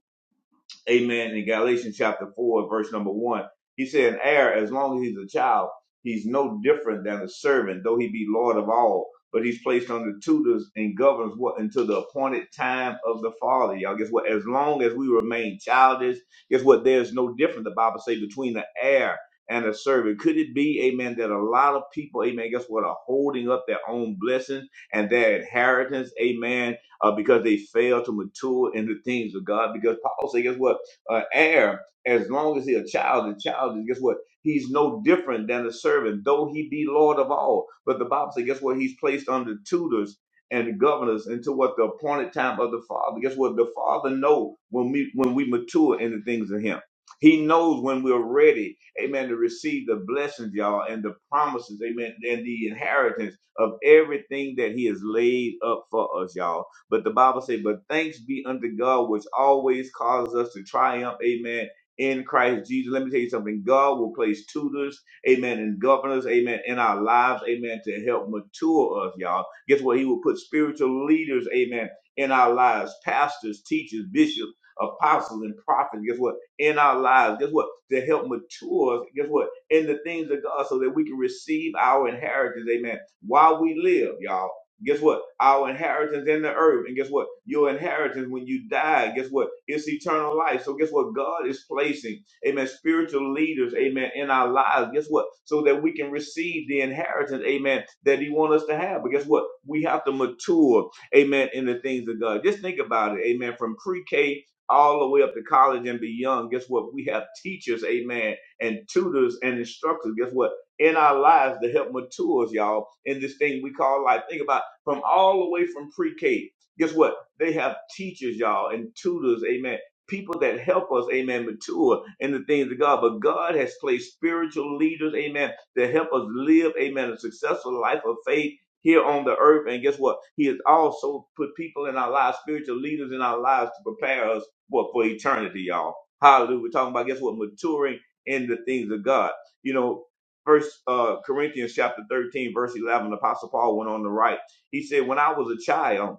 Amen. In Galatians chapter 4, verse number 1, he said, An heir, as long as he's a child, he's no different than a servant, though he be Lord of all. But he's placed under tutors and governs what until the appointed time of the Father. Y'all, guess what? As long as we remain childish, guess what? There's no difference, the Bible say, between the heir and a servant. Could it be, amen, that a lot of people, amen, guess what, are holding up their own blessings and their inheritance, amen, uh, because they fail to mature in the things of God? Because Paul say, guess what? uh, heir as long as he a child. The child is, guess what? He's no different than a servant, though he be Lord of all. But the Bible says, guess what? He's placed under tutors and governors until what the appointed time of the Father. Guess what? The Father knows when we when we mature in the things of Him. He knows when we're ready, amen, to receive the blessings, y'all, and the promises, amen, and the inheritance of everything that He has laid up for us, y'all. But the Bible say, but thanks be unto God, which always causes us to triumph, amen, in Christ Jesus. Let me tell you something. God will place tutors, amen, and governors, amen, in our lives, amen, to help mature us, y'all. Guess what? He will put spiritual leaders, amen, in our lives, pastors, teachers, bishops, apostles, and prophets. Guess what? In our lives. Guess what? To help mature us, guess what? In the things of God so that we can receive our inheritance, amen, while we live, y'all. Guess what? Our inheritance in the earth. And guess what? Your inheritance when you die, guess what? It's eternal life. So guess what? God is placing, amen, spiritual leaders, amen, in our lives. Guess what? So that we can receive the inheritance, amen, that He wants us to have. But guess what? We have to mature, amen, in the things of God. Just think about it, amen, from pre K all the way up to college and beyond. Guess what? We have teachers, amen, and tutors and instructors. Guess what? in our lives to help mature us, y'all, in this thing we call life. Think about from all the way from pre-K. Guess what? They have teachers, y'all, and tutors, amen. People that help us, amen, mature in the things of God. But God has placed spiritual leaders, amen, to help us live, amen, a successful life of faith here on the earth. And guess what? He has also put people in our lives, spiritual leaders in our lives to prepare us what for eternity, y'all. Hallelujah. We're talking about guess what? Maturing in the things of God. You know, first uh Corinthians chapter 13, verse eleven, Apostle Paul went on to write. He said, When I was a child,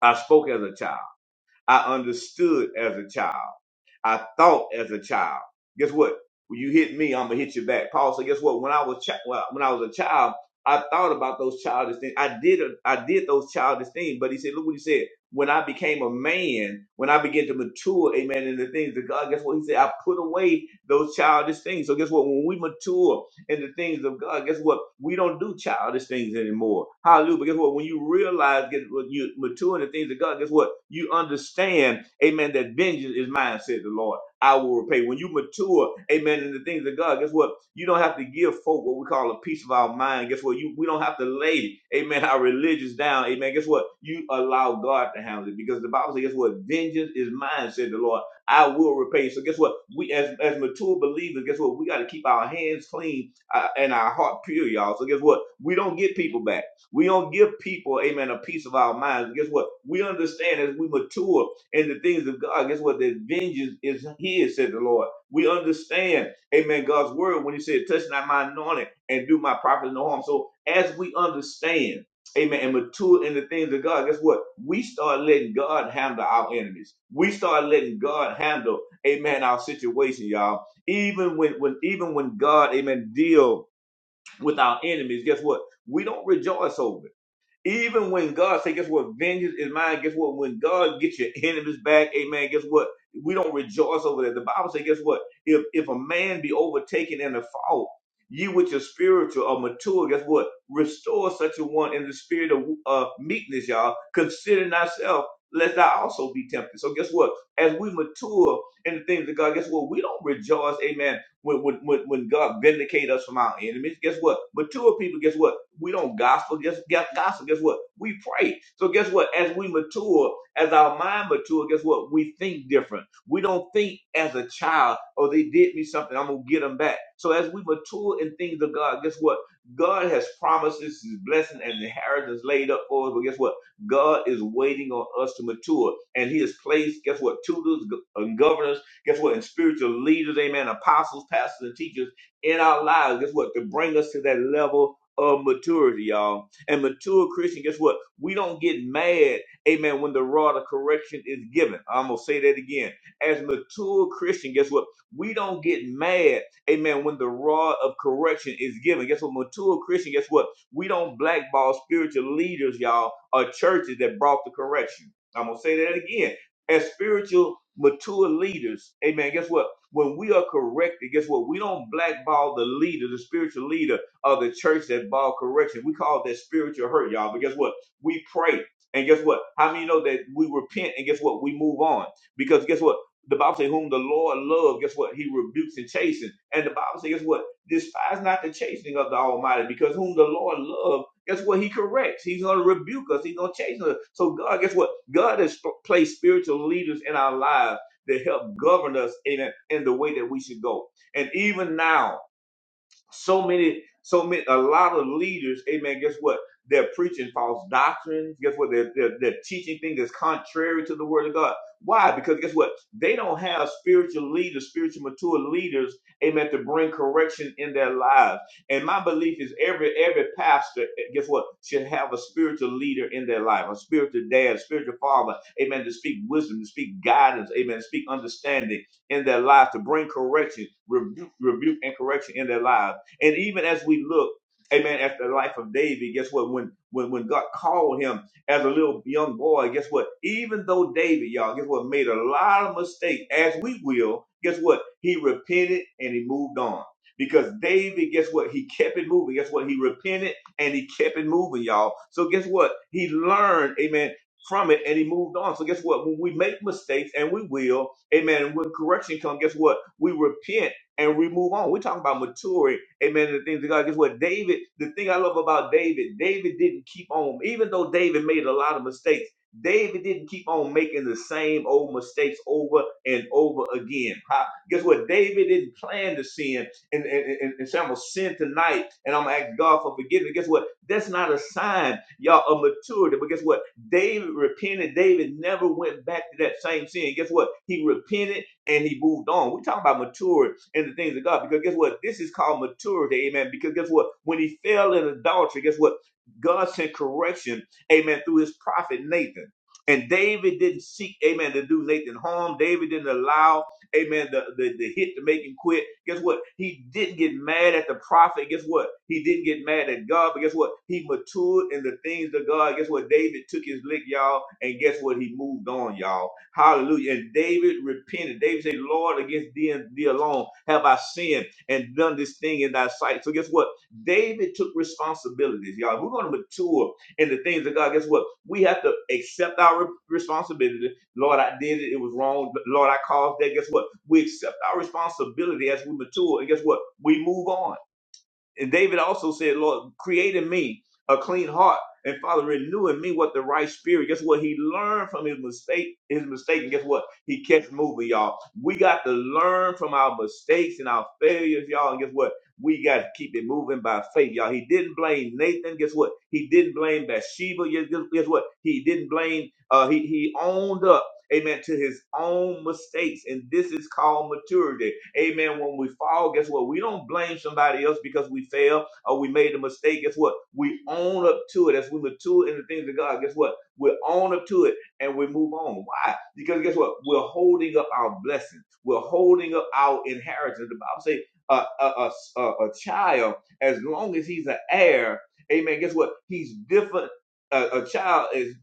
I spoke as a child. I understood as a child. I thought as a child. Guess what? When you hit me, I'm gonna hit you back. Paul said, Guess what? When I was chi- well, when I was a child, I thought about those childish things. I did I did those childish things. But he said, look what he said. When I became a man, when I began to mature, amen, in the things of God, guess what? He said, I put away those childish things. So guess what? When we mature, in the things of God. Guess what? We don't do childish things anymore. Hallelujah. But guess what? When you realize get what you mature in the things of God, guess what? You understand, amen, that vengeance is mine, said the Lord. I will repay. When you mature, amen, in the things of God, guess what? You don't have to give folk what we call a piece of our mind. Guess what? You we don't have to lay, amen, our religions down. Amen. Guess what? You allow God to handle it. Because the Bible says, guess what? Vengeance is mine, said the Lord. I will repay. So guess what? We as as mature believers, guess what? We got to keep our hands clean uh, and our heart pure, y'all. So guess what? We don't get people back. We don't give people, amen, a piece of our minds. Guess what? We understand as we mature in the things of God. Guess what? The vengeance is His, said the Lord. We understand, amen, God's word when He said, touch not my anointing and do my prophets no harm. So as we understand, Amen. And mature in the things of God. Guess what? We start letting God handle our enemies. We start letting God handle, amen, our situation, y'all even when, when even when God, amen, deal with our enemies, guess what? We don't rejoice over it. Even when God say, guess what? Vengeance is mine. Guess what? When God gets your enemies back, amen. Guess what? We don't rejoice over that. The Bible say, guess what? If if a man be overtaken in a fault, you with your spiritual or mature, guess what? Restore such a one in the spirit of uh, meekness, y'all. Considering thyself, lest thou also be tempted. So guess what? As we mature in the things of God, guess what? We don't rejoice, amen, when, when, when when God vindicate us from our enemies. Guess what? Mature people, guess what? We don't gossip. Guess, guess, gossip. Guess what? We pray. So guess what? As we mature, as our mind mature, guess what? We think different. We don't think as a child, oh, they did me something. I'm gonna get them back. So as we mature in things of God, guess what? God has promises, His blessing, and inheritance laid up for us. But guess what? God is waiting on us to mature, and He has placed, guess what? Tutors go- and governors, guess what? And spiritual leaders, Amen. Apostles, pastors, and teachers in our lives. Guess what? To bring us to that level of maturity, y'all. And mature Christian, guess what? We don't get mad, amen, when the rod of correction is given. I'm going to say that again. As mature Christian, guess what? We don't get mad, amen, when the rod of correction is given. Guess what? Mature Christian, guess what? We don't blackball spiritual leaders, y'all, or churches that brought the correction. I'm going to say that again. As spiritual mature leaders, amen, guess what? When we are corrected, guess what? We don't blackball the leader, the spiritual leader of the church that involved correction. We call that spiritual hurt, y'all. But guess what? We pray. And guess what? How many know that we repent and guess what? We move on. Because guess what? The Bible says, whom the Lord loves, guess what? He rebukes and chastens. And the Bible says, guess what? Despise not the chastening of the Almighty, because whom the Lord loves, guess what? He corrects. He's going to rebuke us. He's going to chasten us. So God, guess what? God has placed spiritual leaders in our lives that help govern us in, a, in the way that we should go. And even now, so many, so many, a lot of leaders, amen, guess what? They're preaching false doctrines. Guess what? They're, they're, they're teaching things that's contrary to the word of God. Why? Because guess what? They don't have spiritual leaders, spiritual mature leaders, amen, to bring correction in their lives. And my belief is every every pastor, eh, guess what, should have a spiritual leader in their life, a spiritual dad, a spiritual father, amen, to speak wisdom, to speak guidance, amen, to speak understanding in their life, to bring correction, rebu- rebuke and correction in their lives. And even as we look, amen, at the life of David, guess what? When when when God called him as a little young boy, guess what? Even though David, y'all, guess what, made a lot of mistakes, as we will, guess what? He repented and he moved on. Because David, guess what? He kept it moving. Guess what? He repented and he kept it moving, y'all. So guess what? He learned, amen, from it and he moved on. So guess what? When we make mistakes and we will, amen, and when correction comes, guess what? We repent and we move on. We're talking about maturing Amen. the things of God. Guess what? David, the thing I love about David, David didn't keep on, even though David made a lot of mistakes, David didn't keep on making the same old mistakes over and over again. Ha- Guess what? David didn't plan to sin and, and, and, and say, I'm going to sin tonight and I'm going to ask God for forgiveness. Guess what? That's not a sign, y'all, of maturity. But guess what? David repented. David never went back to that same sin. Guess what? He repented and he moved on. We're talking about maturity in the things of God. Because guess what? This is called maturity, amen. Because guess what? When he fell in adultery, guess what? God sent correction, amen, through his prophet Nathan. And David didn't seek, amen, to do Nathan harm. David didn't allow, amen, the, the, the hit to make him quit. Guess what? He didn't get mad at the prophet. Guess what? He didn't get mad at God. But guess what? He matured in the things of God. Guess what? David took his lick, y'all. And guess what? He moved on, y'all. Hallelujah. And David repented. David said, Lord, against thee and thee alone have I sinned and done this thing in thy sight. So guess what? David took responsibilities, y'all. If we're going to mature in the things of God, guess what? We have to accept our re- responsibility. Lord, I did it. It was wrong. Lord, I caused that. Guess what? We accept our responsibility as we mature. And guess what? We move on. And David also said, Lord, create in me a clean heart. And Father, renew in me what the right spirit. Guess what? He learned from his mistake, his mistake, and guess what? He kept moving, y'all. We got to learn from our mistakes and our failures, y'all. And guess what? We got to keep it moving by faith, y'all. He didn't blame Nathan. Guess what? He didn't blame Bathsheba. Yes, Guess, guess what? He didn't blame. Uh, he he owned up, amen, to his own mistakes, and this is called maturity. Amen. When we fall, guess what? We don't blame somebody else because we failed or we made a mistake. Guess what? We own up to it as we mature in the things of God. Guess what? We own up to it and we move on. Why? Because guess what? We're holding up our blessings. We're holding up our inheritance. The Bible says a, a, a a child, as long as he's an heir, amen, guess what? He's different a, a child is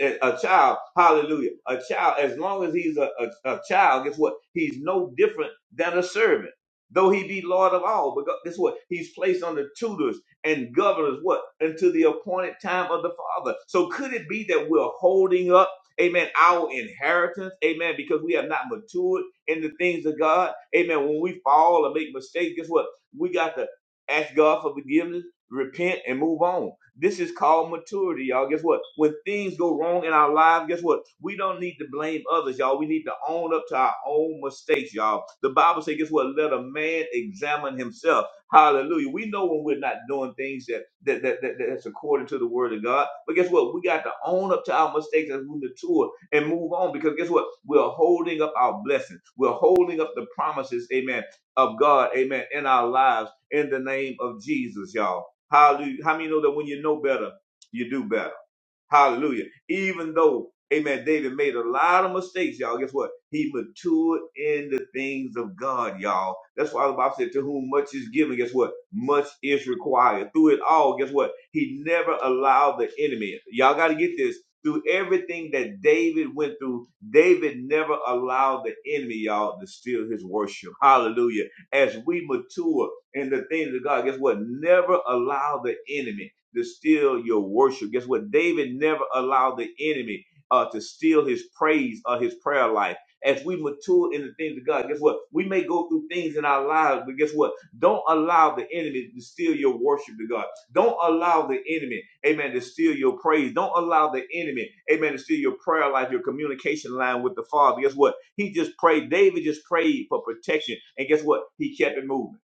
a child. Hallelujah. A child, as long as he's a, a, a child, guess what? He's no different than a servant, though he be Lord of all. But guess what? He's placed under tutors and governors. What until the appointed time of the Father. So could it be that we're holding up? Amen. Our inheritance, amen, because we have not matured in the things of God. Amen. When we fall or make mistakes, guess what? We got to ask God for forgiveness, repent, and move on. This is called maturity, y'all. Guess what? When things go wrong in our lives, guess what? We don't need to blame others, y'all. We need to own up to our own mistakes, y'all. The Bible says, guess what? Let a man examine himself. Hallelujah. We know when we're not doing things that, that, that, that that's according to the word of God. But guess what? We got to own up to our mistakes as we mature and move on because guess what? We're holding up our blessings. We're holding up the promises, amen, of God, amen, in our lives in the name of Jesus, y'all. Hallelujah. How many know that when you know better, you do better? Hallelujah. Even though, amen, David made a lot of mistakes, y'all. Guess what? He matured in the things of God, y'all. That's why the Bible said, To whom much is given, guess what? Much is required. Through it all, guess what? He never allowed the enemy. Y'all got to get this. Through everything that David went through, David never allowed the enemy, y'all, to steal his worship. Hallelujah. As we mature in the things of God, guess what? Never allow the enemy to steal your worship. Guess what? David never allowed the enemy uh, to steal his praise or his prayer life. As we mature in the things of God, guess what? We may go through things in our lives, but guess what? Don't allow the enemy to steal your worship to God. Don't allow the enemy, amen, to steal your praise. Don't allow the enemy, amen, to steal your prayer life, your communication line with the Father. Guess what? He just prayed. David just prayed for protection. And guess what? He kept it moving.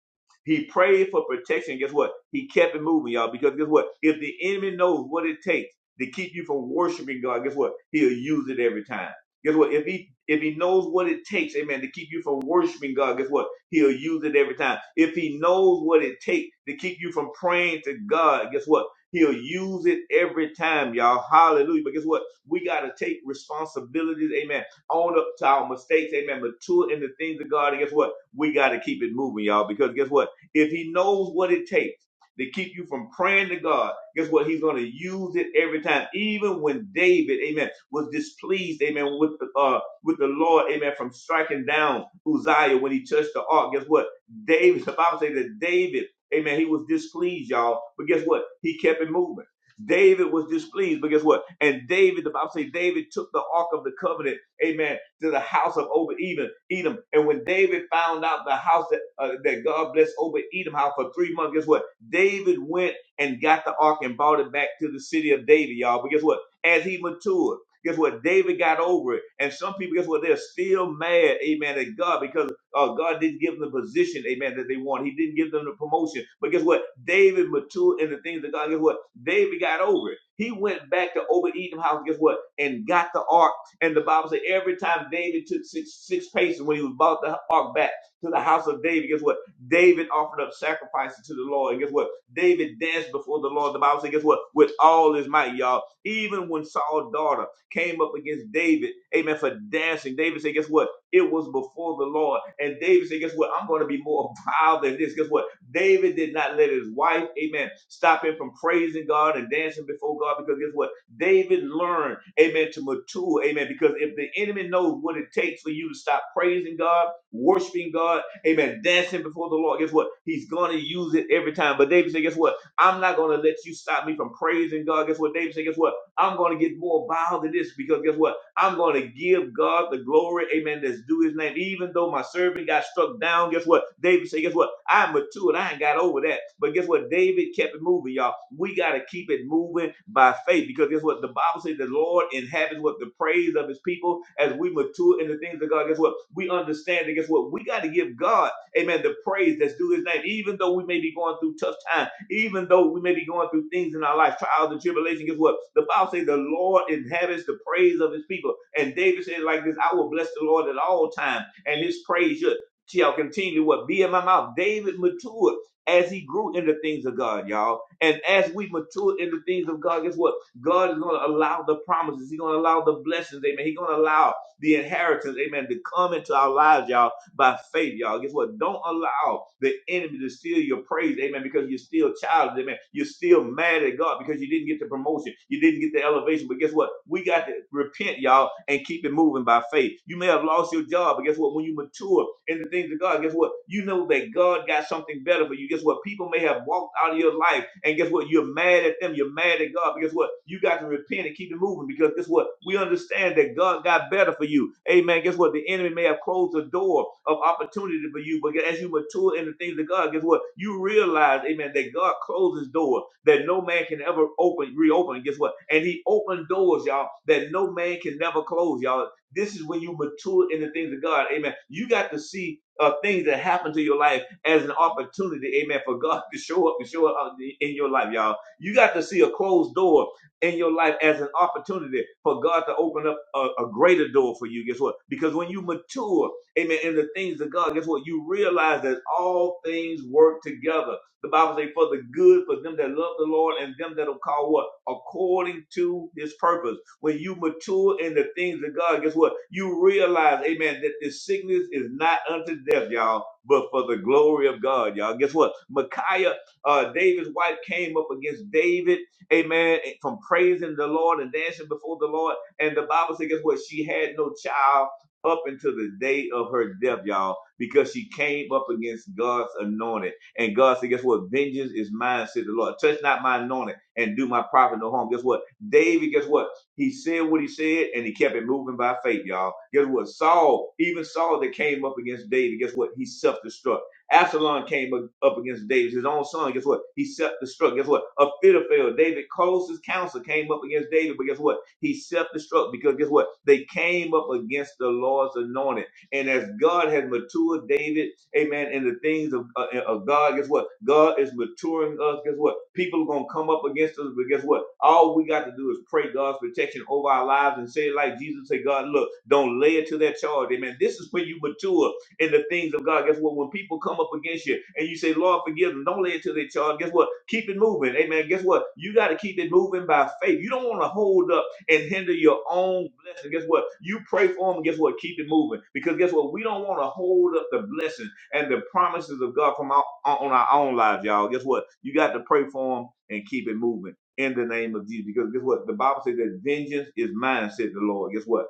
He prayed for protection. Guess what? He kept it moving, y'all. Because guess what? If the enemy knows what it takes to keep you from worshiping God, guess what? He'll use it every time. Guess what? If he if he knows what it takes, amen, to keep you from worshiping God, guess what? He'll use it every time. If he knows what it takes to keep you from praying to God, guess what? He'll use it every time, y'all. Hallelujah. But guess what? We got to take responsibilities, amen, own up to our mistakes, amen, mature in the things of God. And guess what? We got to keep it moving, y'all, because guess what? If he knows what it takes to keep you from praying to God, guess what? He's going to use it every time. Even when David, amen, was displeased, amen, with the, uh, with the Lord, amen, from striking down Uzziah when he touched the ark, guess what? David, [LAUGHS] the Bible says that David, amen, he was displeased, y'all. But guess what? He kept it moving. David was displeased, but guess what? And David, the Bible says David took the ark of the covenant, amen, to the house of Obed Edom. Edom. And when David found out the house that, uh, that God blessed Obed Edom house for three months, guess what? David went and got the ark and brought it back to the city of David, y'all. But guess what? As he matured, guess what? David got over it. And some people, guess what? They're still mad, amen, at God because uh, God didn't give them the position, amen, that they want. He didn't give them the promotion. But guess what? David matured in the things of God. Guess what? David got over it. He went back to Obed Edom house, guess what? And got the ark and the Bible says every time David took six six paces when he was brought the ark back to the house of David, guess what? David offered up sacrifices to the Lord. And guess what? David danced before the Lord. The Bible says, guess what? With all his might, y'all. Even when Saul's daughter came up against David, amen, for dancing, David said, guess what? It was before the Lord. And David said, guess what? I'm going to be more [LAUGHS] vile than this. Guess what? David did not let his wife, amen, stop him from praising God and dancing before God because guess what? David learned, amen, to mature, amen. Because if the enemy knows what it takes for you to stop praising God, worshiping God, amen, dancing before the Lord, guess what? He's going to use it every time. But David said, guess what? I'm not going to let you stop me from praising God. Guess what? David said, guess what? I'm going to get more vile than this because guess what? I'm going to give God the glory, amen, that's due his name. Even though my servant got struck down, guess what? David said, guess what? I'm matured. I ain't got over that. But guess what? David kept it moving, y'all. We got to keep it moving by faith because guess what? The Bible says the Lord inhabits what the praise of his people as we mature in the things of God. Guess what? We understand that, guess what? We got to give God, amen, the praise that's due his name. Even though we may be going through tough times, even though we may be going through things in our life, trials and tribulation, guess what? The Bible says the Lord inhabits the praise of his people. And David said it like this, I will bless the Lord at all times, and his praise should shall continue what be in my mouth. David matured as he grew in the things of God, y'all. And as we mature in the things of God, guess what? God is going to allow the promises. He's going to allow the blessings, amen. He's going to allow the inheritance, amen, to come into our lives, y'all by faith, y'all. Guess what? Don't allow the enemy to steal your praise, amen, because you're still childish, amen. You're still mad at God because you didn't get the promotion, you didn't get the elevation. But guess what? We got to repent, y'all, and keep it moving by faith. You may have lost your job, but guess what? When you mature in the things of God, guess what? You know that God got something better for you. Guess what? People may have walked out of your life, and guess what? guess what? You're mad at them. You're mad at God. But guess what? You got to repent and keep it moving because guess what? We understand that God got better for you. Amen. Guess what? The enemy may have closed the door of opportunity for you, but as you mature in the things of God, guess what? You realize, amen, that God closes doors that no man can ever open, reopen. Guess what? And he opened doors, y'all, that no man can never close, y'all. This is when you mature in the things of God. Amen. You got to see uh, things that happen to your life as an opportunity, amen, for God to show up and show up in your life, y'all. You got to see a closed door in your life as an opportunity for God to open up a, a greater door for you. Guess what? Because when you mature, amen, in the things of God, guess what? You realize that all things work together. The Bible says, for the good, for them that love the Lord and them that'll call what? According to his purpose. When you mature in the things of God, guess what? You realize, amen, that this sickness is not unto death, y'all but for the glory of God, y'all. Guess what? Micaiah, uh, David's wife came up against David, amen, from praising the Lord and dancing before the Lord. And the Bible says, guess what? She had no child up until the day of her death, y'all, because she came up against God's anointed. And God said, guess what? Vengeance is mine, said the Lord. Touch not my anointed and do my prophet no harm. Guess what? David, guess what? He said what he said, and he kept it moving by faith, y'all. Guess what? Saul, even Saul that came up against David, guess what? He self-destruct. Absalom came up up against David, his own son. Guess what? He self-destruct. Guess what? Ahithophel, David closest counsel, came up against David, but guess what? He self-destruct because guess what? They came up against the Lord's anointed. And as God has matured David amen, in the things of, uh, of God, guess what? God is maturing us. Guess what? People are going to come up against us, but guess what? All we got to do is pray God's protection over our lives and say, like Jesus, say, God, look, don't lay it to their charge. Amen. This is when you mature in the things of God. Guess what? When people come up against you and you say, Lord, forgive them, don't lay it to their charge. Guess what? Keep it moving. Amen. Guess what? You got to keep it moving by faith. You don't want to hold up and hinder your own blessing. Guess what? You pray for them. Guess what? Keep it moving. Because guess what? We don't want to hold up the blessing and the promises of God from our, on our own lives, y'all. Guess what? You got to pray for them and keep it moving in the name of Jesus. Because guess what? The Bible says that vengeance is mine, said the Lord. Guess what?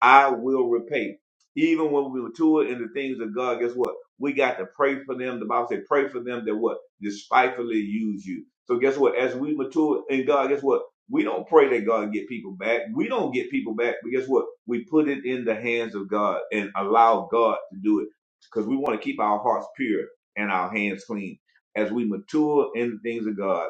I will repay. Even when we mature in the things of God, guess what? We got to pray for them. The Bible said, pray for them that what? Despitefully use you. So guess what? As we mature in God, guess what? We don't pray that God get people back. We don't get people back, but guess what? We put it in the hands of God and allow God to do it because we want to keep our hearts pure and our hands clean. As we mature in the things of God,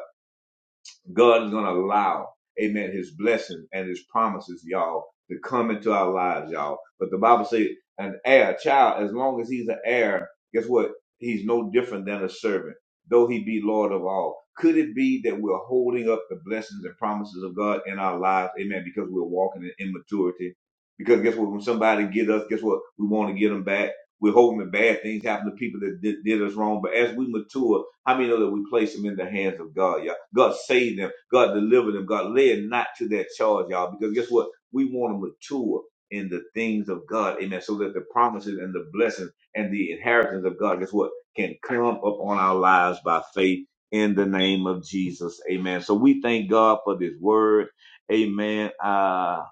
God is going to allow, amen, his blessing and his promises, y'all, to come into our lives, y'all. But the Bible says an heir, child, as long as he's an heir, guess what? He's no different than a servant, though he be Lord of all. Could it be that we're holding up the blessings and promises of God in our lives, amen, because we're walking in immaturity? Because guess what? When somebody get us, guess what? We want to get them back we're hoping that bad things happen to people that did, did us wrong. But as we mature, how many know that we place them in the hands of God, y'all? God save them. God deliver them. God lay it not to their charge, y'all. Because guess what? We want to mature in the things of God. Amen. So that the promises and the blessings and the inheritance of God, guess what? Can come upon our lives by faith in the name of Jesus. Amen. So we thank God for this word. Amen. Uh,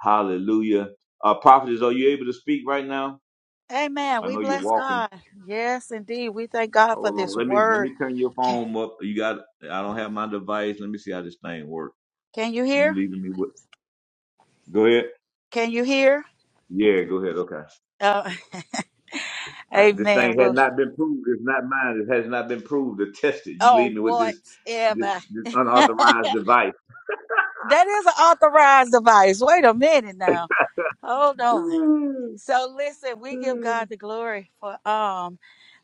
hallelujah. Uh, prophetess, are you able to speak right now? Amen. I We know you're bless walking. God. Yes, indeed. We thank God for Hold this on. Let me let word. me turn your Can, phone up. You got I don't have my device. Let me see how this thing works. can you You hear? leaving me with go ahead. Can you hear? Yeah, go ahead. Okay. All Uh, [LAUGHS] right. This amen. thing had Well, not been proved. It's not mine. It has not been proved or tested. You oh, leave me with this this, whatever. this [LAUGHS] unauthorized device. That is an authorized device. Wait a minute now. Hold on. So listen, we give God the glory for um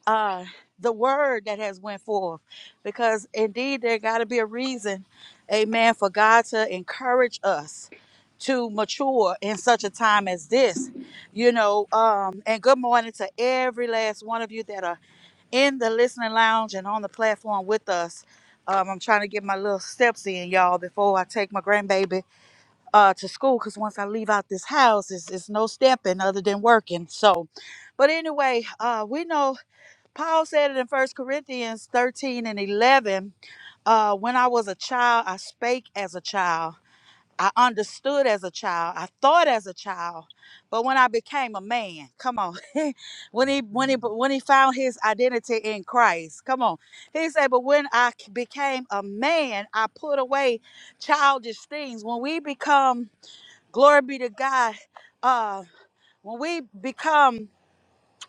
uh the word that has went forth because indeed there got to be a reason amen for god to encourage us to mature in such a time as this you know um and good morning to every last one of you that are in the listening lounge and on the platform with us um, I'm trying to get my little steps in, y'all, before I take my grandbaby uh, to school. Cause once I leave out this house, it's, it's no stepping other than working. So, but anyway, uh, we know Paul said it in First Corinthians 13 and 11. Uh, when I was a child, I spake as a child. I understood as a child. I thought as a child. But when I became a man, come on. [LAUGHS] when he when he Amen. when he found his identity in Christ, come on. He said, "But when I became a man, I put away childish things." When we become, glory be to God. Uh, when we become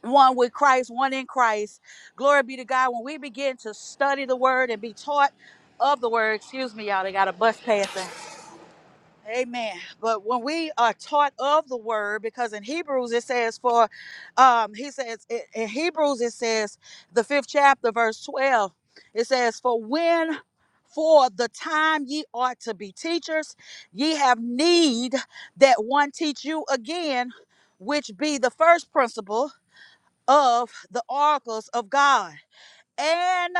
one with Christ, one in Christ. Glory be to God. When we begin to study the word and be taught of the word, excuse me, y'all, they got a bus passing. Amen. But when we are taught of the word, because in Hebrews it says, for um, he says, in in Hebrews it says, the fifth chapter, verse 12, it says, for when for the time ye ought to be teachers, ye have need that one teach you again, which be the first principle of the oracles of God. And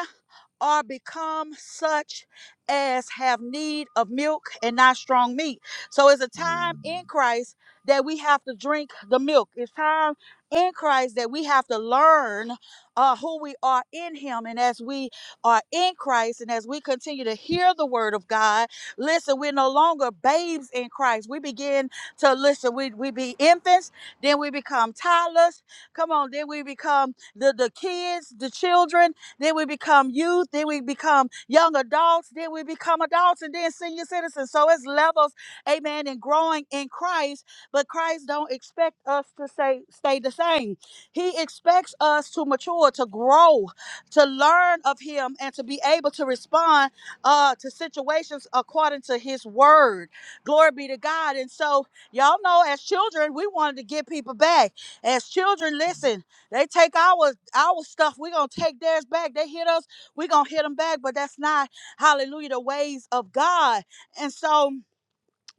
are become such as have need of milk and not strong meat. So it's a time in Christ that we have to drink the milk. It's time in Christ that we have to learn uh, who we are in Him. And as we are in Christ and as we continue to hear the word of God, listen, we're no longer babes in Christ. We begin to listen. We, we be infants, then we become toddlers. Come on, then we become the, the kids, the children then we become youth, then we become young adults, then we become adults, and then senior citizens. So it's levels, amen, and growing in Christ. But Christ don't expect us to say stay the same. He expects us to mature, to grow, to learn of Him, and to be able to respond uh, to situations according to His word. Glory be to God. And so y'all know, as children, we wanted to get people back. As children, listen. They take our our stuff. We're gonna take theirs back. They hit us, we're gonna hit them back. But that's not hallelujah, the ways of God. And so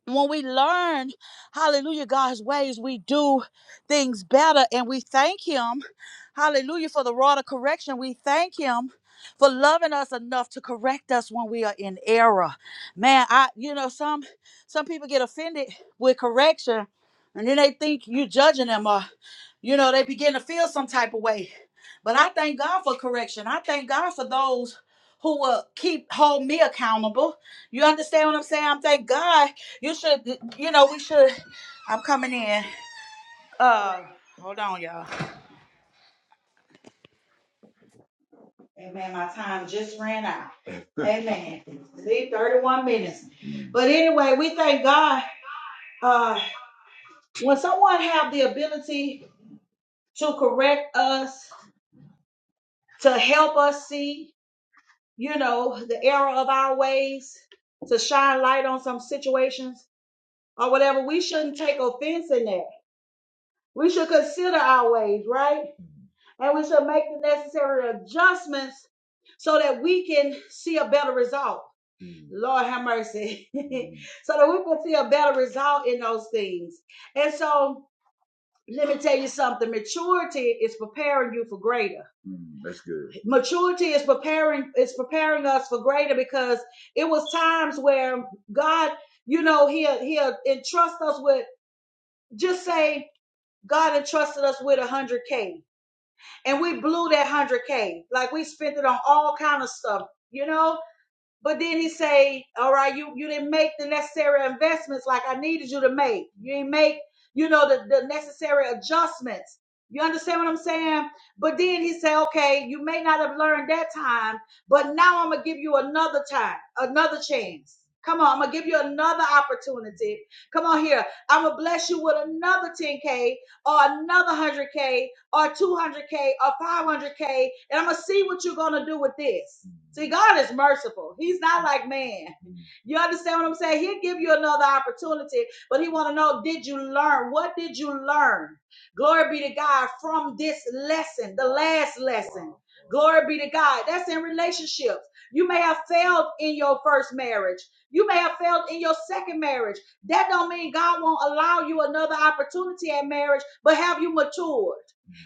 when we learn, hallelujah, God's ways, we do things better. And we thank Him, hallelujah, for the rod of correction. We thank Him for loving us enough to correct us when we are in error. Man, I, you know, some some people get offended with correction and then they think you're judging them or, you know, they begin to feel some type of way. But I thank God for correction. I thank God for those who will keep hold me accountable. You understand what I'm saying? I'm thank God you should, you know, we should. I'm coming in. Uh, hold on, y'all. My time just ran out. [LAUGHS] Amen. Leave 31 minutes. But anyway, we thank God. Uh, when someone have the ability to correct us, to help us see, you know, the error of our ways, to shine light on some situations or whatever. We shouldn't take offense in that. We should consider our ways, right? And we should make the necessary adjustments so that we can see a better result. Mm. Lord have mercy. [LAUGHS] Mm. so that we can see a better result in those things. And so Let me tell you something. Maturity is preparing you for greater. Mm, that's good. maturity is preparing is preparing us for greater because it was times where God, you know, he'll he'll entrust us with just say God entrusted us with a hundred K and we blew that hundred K. Like we spent it on all kind of stuff, you know? But then he say, "All right, you you didn't make the necessary investments like I needed you to make. You didn't make, you know, the the necessary adjustments." You understand what I'm saying? But then he say, "Okay, you may not have learned that time, but now I'm gonna give you another time, another chance." Come on, I'm gonna give you another opportunity. Come on here. I'm gonna bless you with another 10K or another 100K or 200K or 500K, and I'm going to see what you're going to do with this. See, God is merciful. He's not like man. You understand what I'm saying? He'll give you another opportunity, but he want to know, did you learn? What did you learn? Glory be to God from this lesson, the last lesson. Glory be to God. That's in relationships. You may have failed in your first marriage. You may have failed in your second marriage. That don't mean God won't allow you another opportunity at marriage, but have you matured?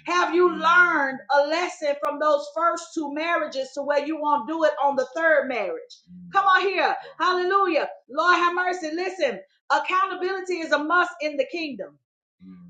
Have you learned a lesson from those first two marriages to where you won't do it on the third marriage? Come on here. Hallelujah. Lord have mercy. Listen, accountability is a must in the kingdom.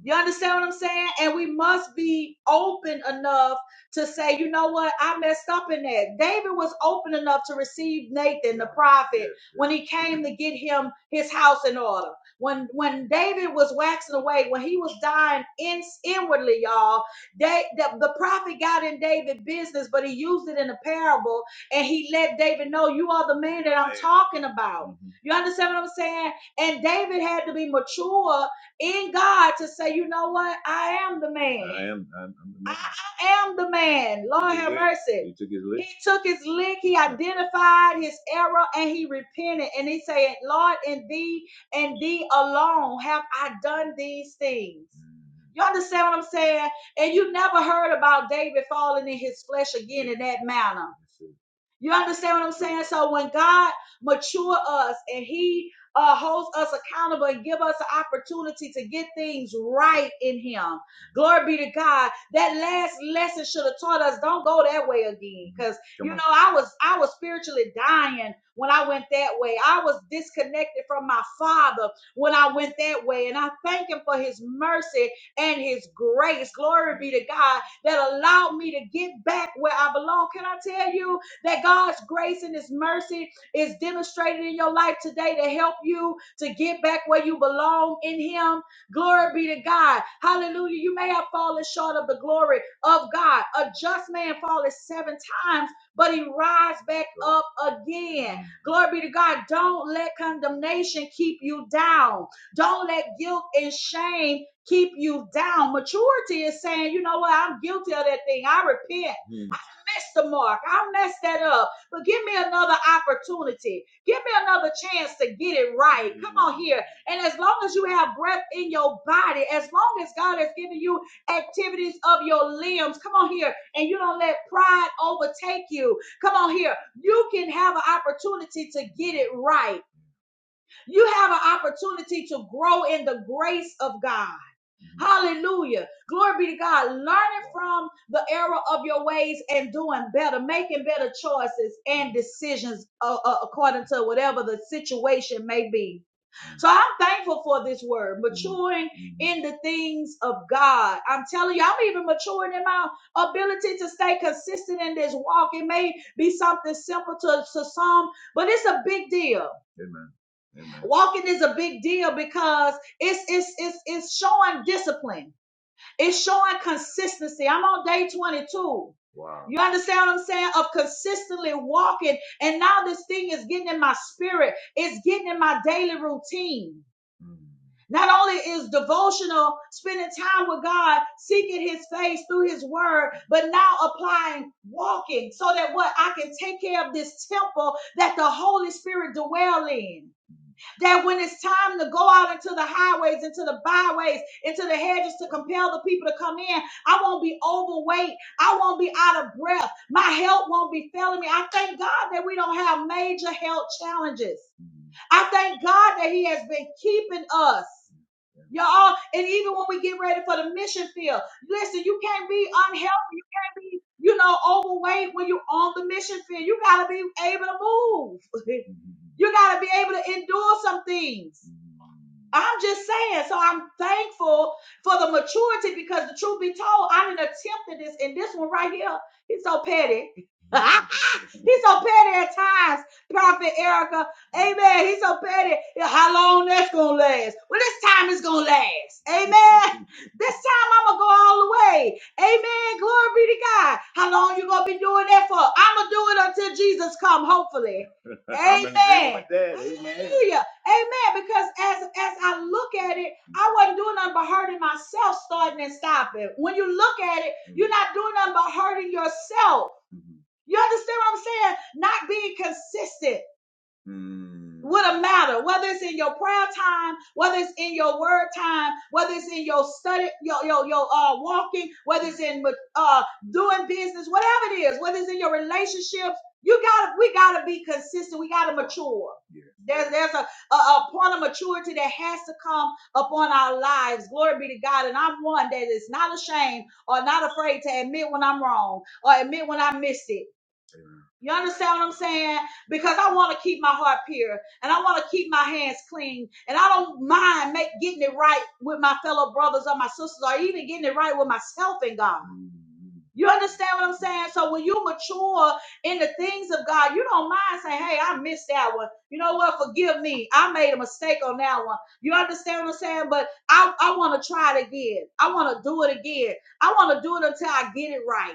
You understand what I'm saying? And we must be open enough to say, you know what? I messed up in that. David was open enough to receive Nathan, the prophet, when he came to get him his house in order. When when David was waxing away, when he was dying in, inwardly, y'all, they, the, the prophet got in David business, but he used it in a parable and he let David know, You are the man that I'm talking about. Mhm. You understand what I'm saying? And David had to be mature in God to say, You know what? I am the man. I am, I'm, I'm the man. I, I am the man. Lord have mercy. He took his lick. He took his lick. He identified his error and he repented. And he said, Lord, in thee and thee alone have I done these things. Mm. You understand what I'm saying? And you never heard about David falling in his flesh again in that manner. You understand what I'm saying? So when God mature us and He uh, holds us accountable and give us an opportunity to get things right in Him, glory be to God. That last lesson should have taught us don't go that way again, because you know I was I was spiritually dying when I went that way. I was disconnected from my Father when I went that way, and I thank Him for His mercy and his grace. Glory be to God that allowed me to get back where I belong. Can I tell you that God's grace and his mercy is demonstrated in your life today to help you to get back where you belong in him? Glory be to God. Hallelujah. You may have fallen short of the glory of God. A just man falleth seven times, but he rise back up again. Glory be to God. Don't let condemnation keep you down. Don't let guilt and shame keep you down. Maturity is saying, you know what, I'm guilty of that thing. I repent. Mm. I missed the mark. I messed that up. But give me another opportunity. Give me another chance to get it right. Mm. Come on here. And as long as you have breath in your body, as long as God has given you activities of your limbs, come on here. And you don't let pride overtake you. Come on here. You can have an opportunity to get it right. You have an opportunity to grow in the grace of God. Hallelujah. Glory be to God. Learning from the error of your ways and doing better, making better choices and decisions uh, uh, according to whatever the situation may be. So I'm thankful for this word, maturing in the things of God. I'm telling you, I'm even maturing in my ability to stay consistent in this walk. It may be something simple to, to some, but it's a big deal. Amen. Walking is a big deal because it's it's it's it's showing discipline. It's showing consistency. I'm on day 22. Wow. You understand what I'm saying? Of consistently walking. And now this thing is getting in my spirit. It's getting in my daily routine. Mm. Not only is devotional spending time with God, seeking his face through his word, but now applying walking so that what I can take care of this temple that the Holy Spirit dwells in that when it's time to go out into the highways, into the byways, into the hedges to compel the people to come in, I won't be overweight. I won't be out of breath. My health won't be failing me. I thank God that we don't have major health challenges. I thank God that He has been keeping us. Y'all, and even when we get ready for the mission field, listen, you can't be unhealthy. You can't be, you know, overweight when you're on the mission field. You got to be able to move. [LAUGHS] You got to be able to endure some things. I'm just saying. So I'm thankful for the maturity because the truth be told, I didn't attempted this and this one right here. He's so petty. [LAUGHS] he's so petty at times, Prophet Erica. Amen. He's so petty. Yeah, How long that's gonna last? Well, this time it's gonna last. Amen. [LAUGHS] This time I'm gonna go all the way. Amen. Glory be to God. How long you gonna be doing that for? I'm gonna do it until Jesus come. Hopefully. [LAUGHS] I'm in agreement Amen. with that. Amen. Hallelujah. Amen. Because as as I look at it, I wasn't doing nothing but hurting myself, starting and stopping. When you look at it, you're not doing nothing but hurting yourself. You understand what I'm saying? Not being consistent. Mm. What a matter, whether it's in your prayer time, whether it's in your word time, whether it's in your study, your your, your uh walking, whether it's in uh doing business, whatever it is, whether it's in your relationships, you gotta we gotta be consistent. We gotta mature. Yes. There's there's a, a a point of maturity that has to come upon our lives. Glory be to God. And I'm one that is not ashamed or not afraid to admit when I'm wrong or admit when I missed it. Amen. You understand what I'm saying? because I want to keep my heart pure and I want to keep my hands clean and I don't mind make, getting it right with my fellow brothers or my sisters or even getting it right with myself and God. You understand what I'm saying? So when you mature in the things of God, you don't mind saying, "Hey, I missed that one. You know what? Forgive me. I made a mistake on that one." You understand what I'm saying? But I I want to try it again. I want to do it again. I want to do it until I get it right.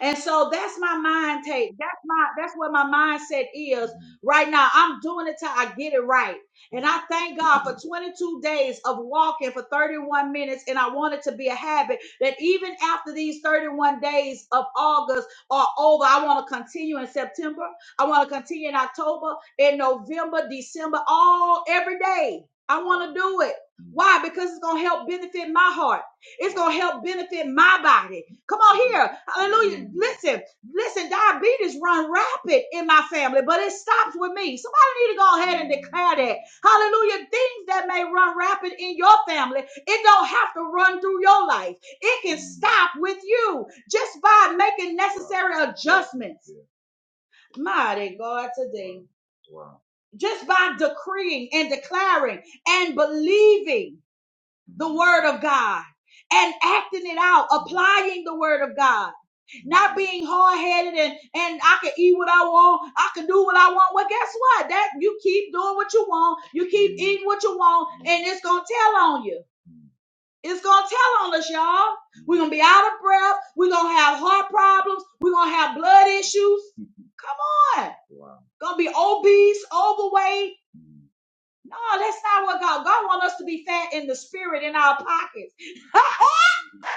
And so that's my mind take. That's my that's what my mindset is right now. I'm doing it till I get it right. And I thank God for 22 days of walking for 31 minutes. And I want it to be a habit that even after these 31 days of August are over, I want to continue in September. I want to continue in October, in November, December, all every day. I want to do it. Why? Because it's gonna help benefit my heart. It's going to help benefit my body. Come on here. Hallelujah. Mhm. Listen, listen, diabetes run rapid in my family, but it stops with me. Somebody need to go ahead and declare that. Hallelujah. Things that may run rapid in your family, it don't have to run through your life. It can stop with you just by making necessary adjustments. Mighty God today. Wow. Just by decreeing and declaring and believing the word of God and acting it out, applying the word of God, not being hard headed and, and I can eat what I want, I can do what I want. Well, guess what? That you keep doing what you want, you keep eating what you want, and it's gonna tell on you. It's gonna tell on us, y'all. We're gonna be out of breath, we're gonna have heart problems, we're gonna have blood issues. Come on. Gonna be obese, overweight. No, that's not what God. God wants us to be fat in the spirit in our pockets. [LAUGHS]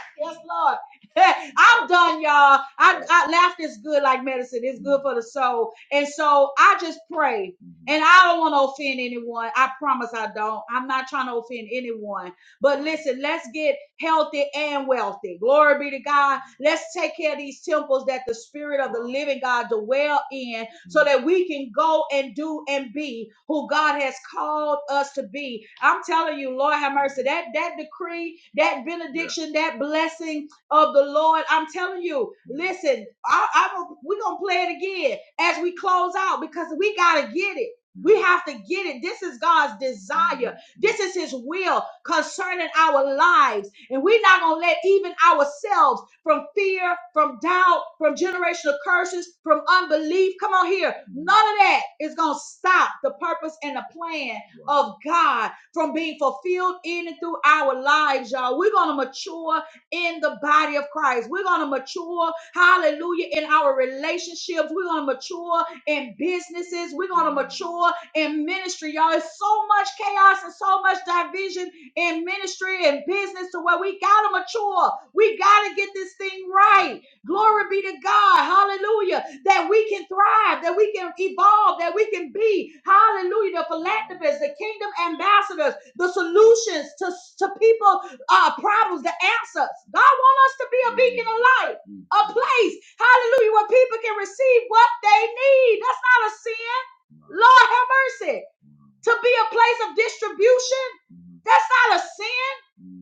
yes, Lord. [LAUGHS] I'm done, y'all. I, I laughter is good like medicine. It's good for the soul. And so I just pray. And I don't want to offend anyone. I promise I don't. I'm not trying to offend anyone. But listen, let's get healthy and wealthy. Glory be to God. Let's take care of these temples that the spirit of the living God dwell in so that we can go and do and be who God has called us to be. I'm telling you, Lord have mercy. That that decree, that benediction, that blessing of the Lord. I'm telling you, listen, I, I'm we're gonna play it again as we close out because we gotta get it. We have to get it. This is God's desire. This is his will concerning our lives. And we're not going to let even ourselves from fear, from doubt, from generational curses, from unbelief. Come on here. None of that is going to stop the purpose and the plan of God from being fulfilled in and through our lives, y'all. We're going to mature in the body of Christ. We're going to mature, hallelujah, in our relationships. We're going to mature in businesses. We're going to mature in ministry, y'all. It's so much chaos and so much division in ministry and business to where we got to mature. We got to get this thing right. Glory be to God. Hallelujah. That we can thrive, that we can evolve, that we can be. Hallelujah. The philanthropists, the kingdom ambassadors, the solutions to, to people uh, problems, the answers. God wants us to be a beacon of light, a place, hallelujah, where people can receive what they need. That's not a sin. Lord have mercy. To be a place of distribution, that's not a sin.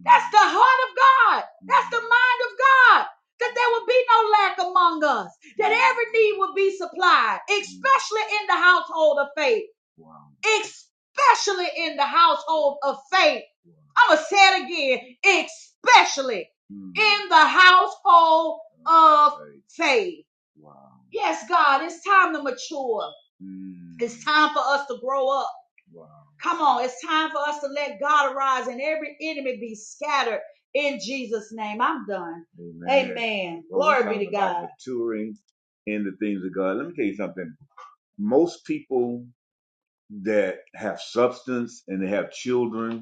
That's the heart of God. That's the mind of God. That there will be no lack among us. That every need will be supplied, especially in the household of faith. Wow. Especially in the household of faith. Wow. I'm going to say it again. Especially mm. in the household of faith. Wow. Yes, God, it's time to mature. Mm. It's time for us to grow up. Wow. Come on, it's time for us to let God arise and every enemy be scattered in Jesus' name. I'm done. Amen. Amen. Well, Glory be to God. The Touring and the things of God. Let me tell you something. Most people that have substance and they have children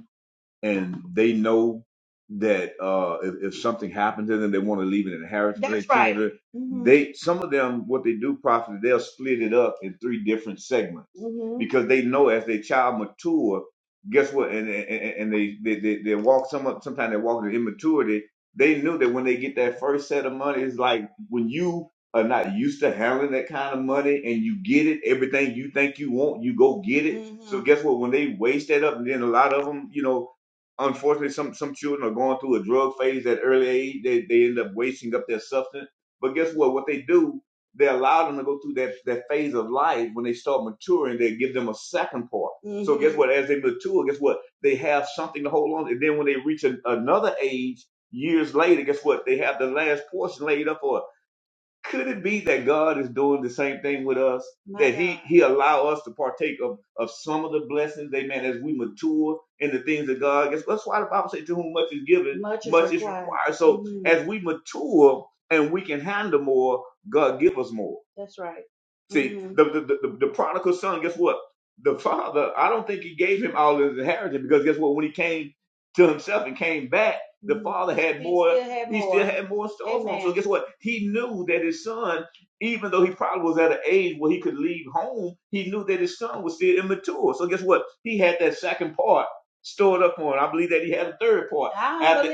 and they know that uh, if, if something happened to them, they want to leave an inheritance for their That's right. children. hmm They some of them what they do properly, they'll split it up in three different segments hmm because they know as their child mature, guess what? And and, and and they, they they they walk some sometimes they walk in immaturity. They knew that when they get that first set of money, it's like when you are not used to handling that kind of money and you get it, everything you think you want, you go get it. So hmm guess what? When they waste that up, and then a lot of them, you know unfortunately some some children are going through a drug phase at early age they, they end up wasting up their substance but guess what what they do they allow them to go through that, that phase of life when they start maturing they give them a second part Mm-hmm. so guess Mm-hmm. what as they mature guess what they have something to hold on to. and then when they reach an, another age years later guess what they have the last portion laid up for could it be that God is doing the same thing with us? My That God. He God. He allow us to partake of, of some of the blessings, amen, as we mature in the things of God. That's, that's why the Bible says to whom much is given, Much is much is required. required. So hmm as we mature and we can handle more, God give us more. That's right. See, hmm the the, the, the the prodigal son, guess what? The father, I don't think he gave him all his inheritance because guess what? When he came to himself and came back, the father had He more still had he more. still had more in store for him so guess what he knew that his son even though he probably was at an age where he could leave home he knew that his son was still immature so guess what he had that second part stored up for him i believe that he had a third part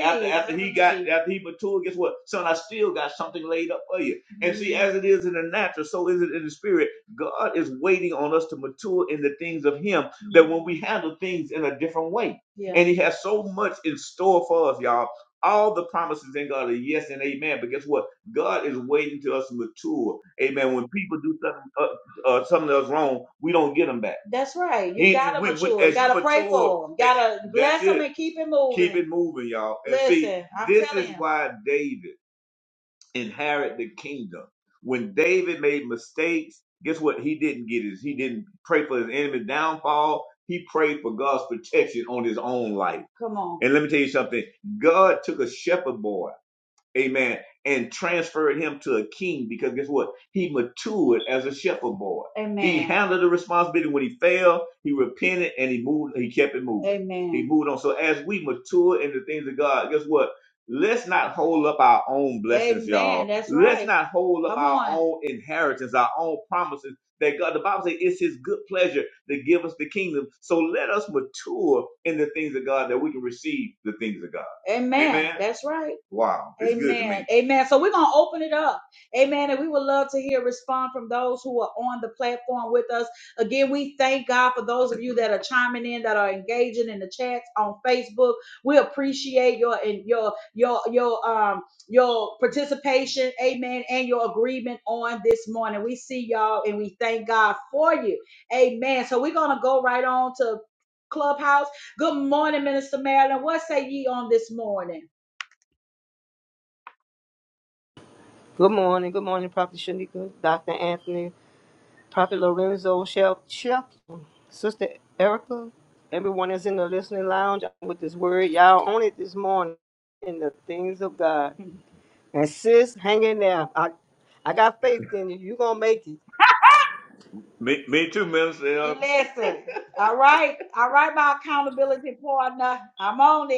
after after after he got after he matured guess what son i still got something laid up for you and mm-hmm. see Mhm. as it is in the natural so is it in the spirit god is waiting on us to mature in the things of him that when we handle things in a different way yeah. And he has so much in store for us, y'all. All the promises in God are yes and amen. But guess what? God is waiting to us to mature. Amen. When people do something, uh, uh, something that's wrong, we don't get them back. That's right. You He, gotta we, we, mature. You as you Gotta pray mature, for them. eh, Gotta that's bless them it and keep it keep moving. it moving, y'all. And see, Listen, I'm this telling is you. why David, inherit the kingdom. When David made mistakes, guess what? He didn't get his, he didn't pray for his enemy's downfall. He prayed for God's protection on his own life. Come on. And let me tell you something. God took a shepherd boy amen, and transferred him to a king because guess what? He matured as a shepherd boy. Amen. He handled the responsibility when he failed, he repented and he moved, he kept it moving. Amen. He moved on. So as we mature in the things of God, guess what? Let's not hold up our own blessings, Amen. y'all. That's Let's right. not hold up Come our on. own inheritance, our own promises that God, the Bible says it's his good pleasure to give us the kingdom. So let us mature in the things of God that we can receive the things of God. Amen. Amen. That's right. Wow. It's good to Amen. me. Amen. So we're going to open it up. Amen. And we would love to hear respond from those who are on the platform with us. Again, we thank God for those of you that are chiming in, that are engaging in the chats on Facebook. We appreciate your and your your your um your participation, amen, and your agreement on this morning. We see y'all and we thank God for you. Amen. So we're gonna go right on to Clubhouse. Good morning, Minister Marilyn. What say ye on this morning? Good morning. Good morning, Prophet Shanika, Dr. Anthony, Prophet Lorenzo, Shel Shel, Sister Erica, everyone that's in the listening lounge with this word. Y'all on it this morning in the things of God. [LAUGHS] And sis, hang in there. I, I got faith in you. you going to make it. Me, me too, Minister. Elder. Listen, all right, all right, my accountability partner. I'm on it.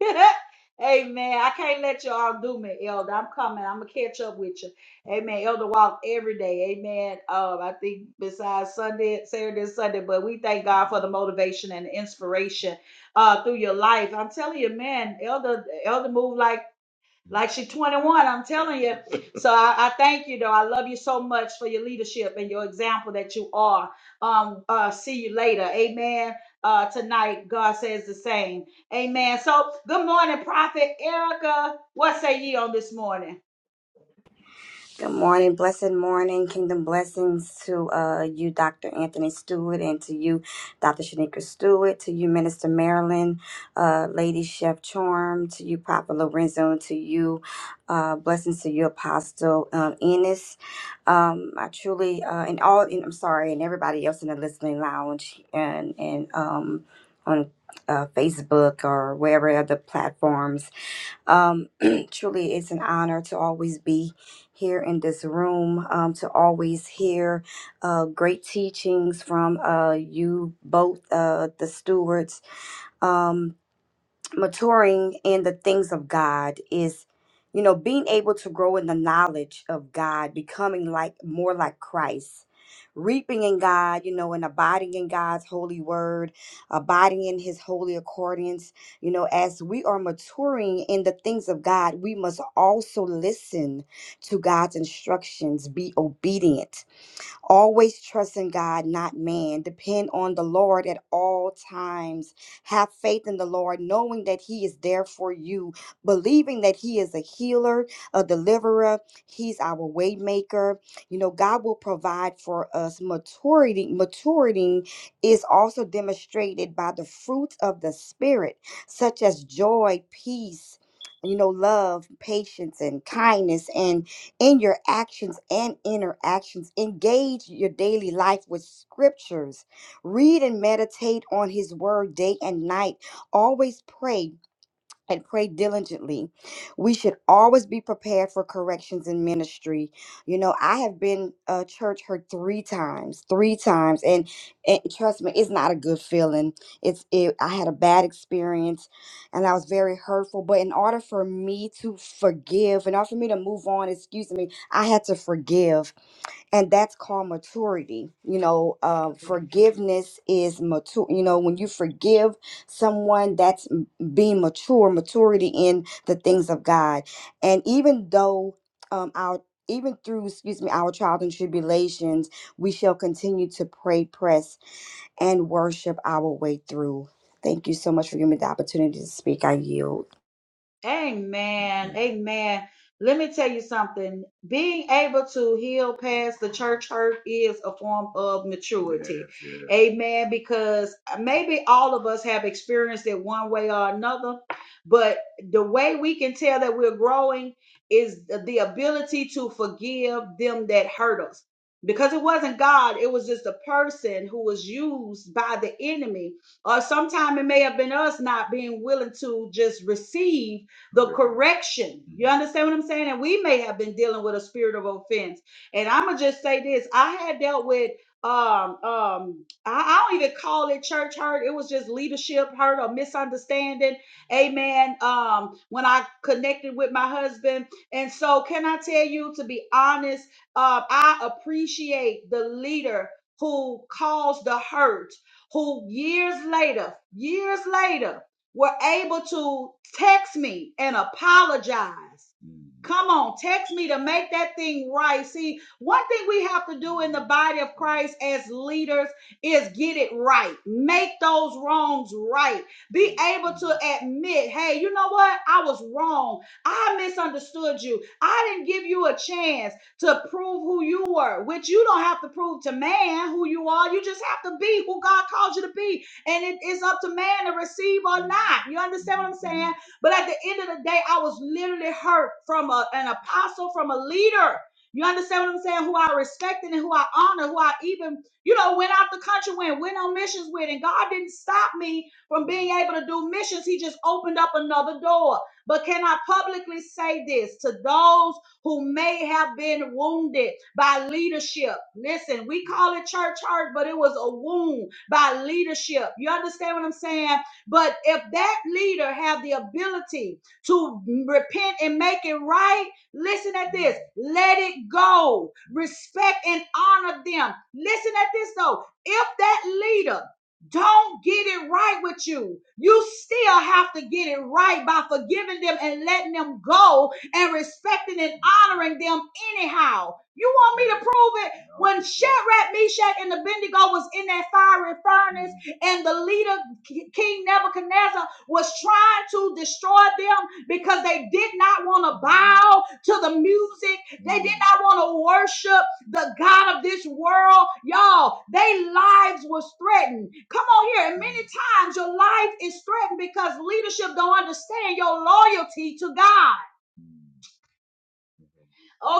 [LAUGHS] Amen. I can't let y'all do me, Elder. I'm coming. I'm gonna catch up with you. Amen. Elder walk every day. Amen. Um, I think besides Sunday, Saturday, and Sunday, but we thank God for the motivation and the inspiration uh through your life. I'm telling you, man, Elder, Elder move like like she 21 i'm telling you so I, I thank you though i love you so much for your leadership and your example that you are um uh see you later amen uh tonight god says the same amen so good morning prophet erica what say ye on this morning Good morning, blessed morning, kingdom blessings to uh, you, Dr. Anthony Stewart, and to you, Dr. Shanika Stewart, to you, Minister Marilyn, uh, Lady Chef Charm, to you, Papa Lorenzo, and to you, uh, blessings to you, Apostle um, Ennis. Um, I truly, uh, and all, and I'm sorry, and everybody else in the listening lounge and and um, on uh, Facebook or wherever other platforms um, [CLEARS THROAT] truly, it's an honor to always be here in this room, um, to always hear uh, great teachings from uh, you both, uh, the stewards. Um, maturing in the things of God is, you know, being able to grow in the knowledge of God, becoming like more like Christ, reaping in God, you know, and abiding in God's holy word, abiding in his holy accordance. You know, as we are maturing in the things of God, we must also listen to God's instructions, be obedient Always trust in God, not man. Depend on the Lord at all times. Have faith in the Lord, knowing that He is there for you, believing that He is a healer, a deliverer. He's our way maker. You know, God will provide for us. Maturity, maturity is also demonstrated by the fruits of the Spirit, such as joy, peace. You know, love, patience, and kindness, and in your actions and interactions. Engage your daily life with scriptures. Read and meditate on his word day and night. Always pray and pray diligently. We should always be prepared for corrections in ministry. You know, I have been uh, church hurt three times, three times, and, and trust me, it's not a good feeling. It's it, I had a bad experience, and I was very hurtful. But in order for me to forgive, in order for me to move on, excuse me, I had to forgive and that's called maturity you know uh, forgiveness is mature you know when you forgive someone that's m- being mature maturity in the things of god and even though um, our even through excuse me our trials and tribulations we shall continue to pray press and worship our way through thank you so much for giving me the opportunity to speak i yield Amen. Amen. Let me tell you something. Being able to heal past the church hurt is a form of maturity. Yes, yes. Amen. Because maybe all of us have experienced it one way or another, but the way we can tell that we're growing is the the ability to forgive them that hurt us. Because it wasn't God, it was just a person who was used by the enemy. Or sometimes it may have been us not being willing to just receive the correction. You understand what I'm saying? And we may have been dealing with a spirit of offense. And I'm gonna just say this: I had dealt with um um I, I don't even call it church hurt. It was just leadership hurt or misunderstanding. Amen. Um, when I connected with my husband, and so can I tell you to be honest? Uh, I appreciate the leader who caused the hurt. Who years later, years later were able to text me and apologize. Mhm. Come on, text me to make that thing right. See, one thing we have to do in the body of Christ as leaders is get it right. Make those wrongs right. Be able to admit, hey, you know what? I was wrong. I misunderstood you. I didn't give you a chance to prove who you were, which you don't have to prove to man who you are. You just have to be who God calls you to be and it is up to man to receive or not. You understand what I'm saying? But at the end of the day, I was literally hurt from a- an apostle, from a leader. You understand what I'm saying? Who I respected and who I honor, who I even, you know, went out the country with, went on missions with. And God didn't stop me from being able to do missions. He just opened up another door. But can I publicly say this to those? who may have been wounded by leadership. Listen, we call it church hurt, but it was a wound by leadership. You understand what I'm saying? But if that leader have the ability to repent and make it right, listen at this. Let it go. Respect and honor them. Listen at this though. If that leader don't get it right with you. You still have to get it right by forgiving them and letting them go and respecting and honoring them anyhow. You want me to prove it? When Shadrach, Meshach, and Abednego was in that fiery furnace, and the leader, K- King Nebuchadnezzar, was trying to destroy them because they did not want to bow to the music. They did not want to worship the God of this world. Y'all, their lives was threatened. Come on here. And many times your life is threatened because leadership don't understand your loyalty to God.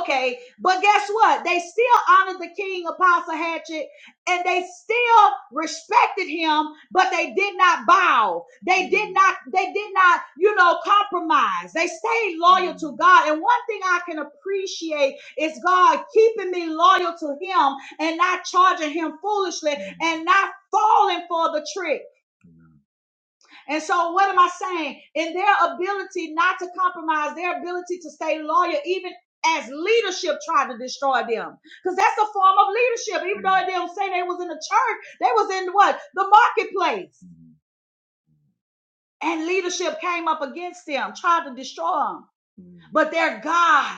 Okay, but guess what? They still honored the king, Apostle Hatchet, and they still respected him, but they did not bow. They did not, they did not, you know, compromise. They stayed loyal to God. And one thing I can appreciate is God keeping me loyal to him and not charging him foolishly and not falling for the trick. And so, what am I saying? In their ability not to compromise, their ability to stay loyal, even as leadership tried to destroy them. Because that's a form of leadership. Even though they don't say they was in the church, they was in what? The marketplace. And leadership came up against them, tried to destroy them. Mm. But their God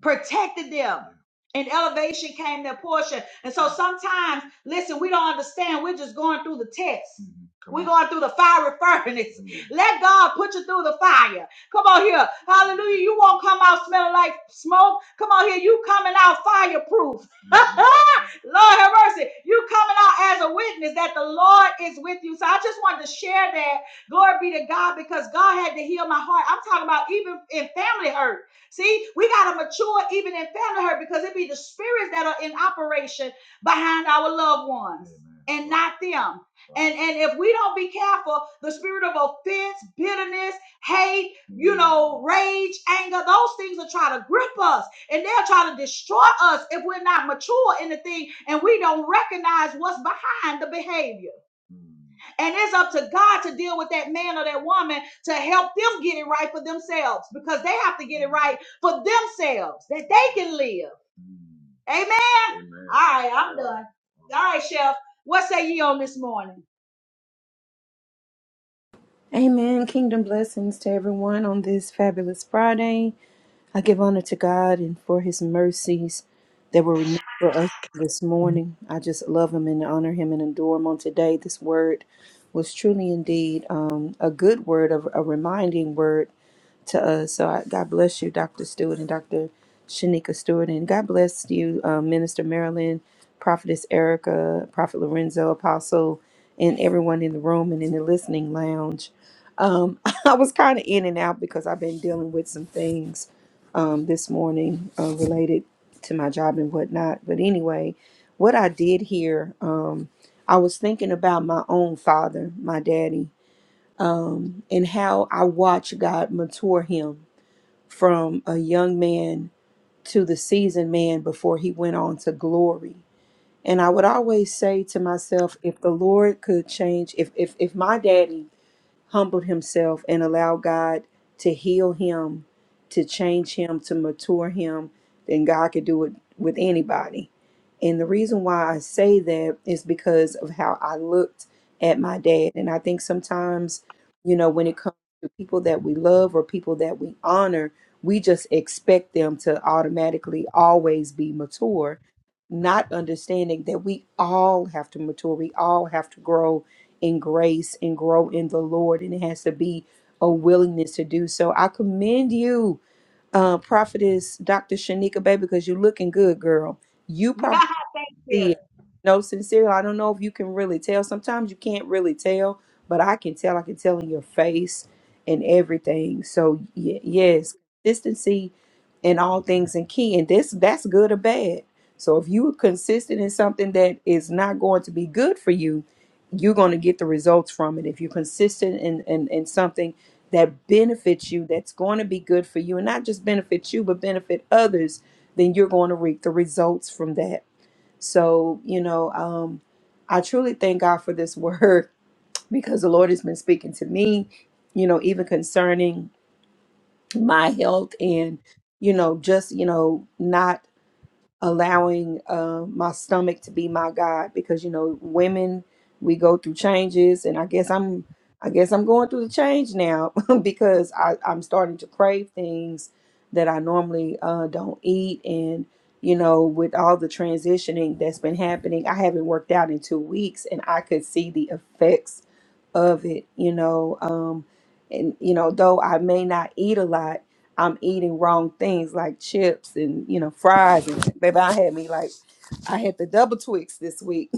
protected them. And elevation came their portion. And so sometimes, listen, we don't understand. We're just going through the test. Mhm. Come We're on. going through the fiery [LAUGHS] furnace. Mhm. Let God put you through the fire. Come on here. Hallelujah. You won't come out smelling like smoke. Come on here. You coming out fireproof. [LAUGHS] Lord have mercy. You coming out as a witness that the Lord is with you. So I just wanted to share that. Glory be to God because God had to heal my heart. I'm talking about even in family hurt. See, we got to mature even in family hurt because it be the spirits that are in operation behind our loved ones Amen. and not them. And and if we don't be careful, the spirit of offense, bitterness, hate, you know, rage, anger, those things will try to grip us and they'll try to destroy us if we're not mature in the thing and we don't recognize what's behind the behavior. And it's up to God to deal with that man or that woman to help them get it right for themselves because they have to get it right for themselves that they can live. Amen. Amen. All right, I'm done. All right, Chef. What say ye on this morning? Amen. Kingdom blessings to everyone on this fabulous Friday. I give honor to God and for his mercies that were renewed for us this morning. I just love him and honor him and adore him on today. This word was truly indeed um, a good word, a, a reminding word to us. So I, God bless you, Dr. Stewart and Dr. Shanika Stewart. And God bless you, um, Minister Marilyn, Prophetess Erica, Prophet Lorenzo, Apostle, and everyone in the room and in the listening lounge. Um, [LAUGHS] I was kind of in and out because I've been dealing with some things um, this morning uh, related to my job and whatnot. But anyway, what I did here, um, I was thinking about my own father, my daddy, and how I watched God mature him from a young man to the seasoned man before he went on to glory. And I would always say to myself, if the Lord could change, if if if my daddy humbled himself and allowed God to heal him, to change him, to mature him, then God could do it with anybody. And the reason why I say that is because of how I looked at my dad. And I think sometimes, you know, when it comes to people that we love or people that we honor, we just expect them to automatically always be mature not understanding that we all have to mature, we all have to grow in grace and grow in the Lord, and it has to be a willingness to do so. I commend you, uh, prophetess Dr. Shanika Bay, because you're looking good, girl. You [LAUGHS] probably yeah. see it. No, sincerely, I don't know if you can really tell. Sometimes you can't really tell, but I can tell. I can tell in your face and everything. So y- yes, consistency in all things and key, and this that's good or bad. So if you are consistent in something that is not going to be good for you, you're going to get the results from it. If you're consistent in, in, in something that benefits you, that's going to be good for you, and not just benefit you, but benefit others, then you're going to reap the results from that. So, you know, um, I truly thank God for this word [LAUGHS] because the Lord has been speaking to me, you know, even concerning my health and, you know, just, you know, not allowing uh, my stomach to be my guide because you know women we go through changes and i guess i'm i guess i'm going through the change now [LAUGHS] because I, i'm starting to crave things that i normally uh, don't eat and you know with all the transitioning that's been happening i haven't worked out in two weeks and i could see the effects of it, you know. Um, and you know, though I may not eat a lot, I'm eating wrong things like chips and you know fries. And baby, I had me like I had the double Twix this week,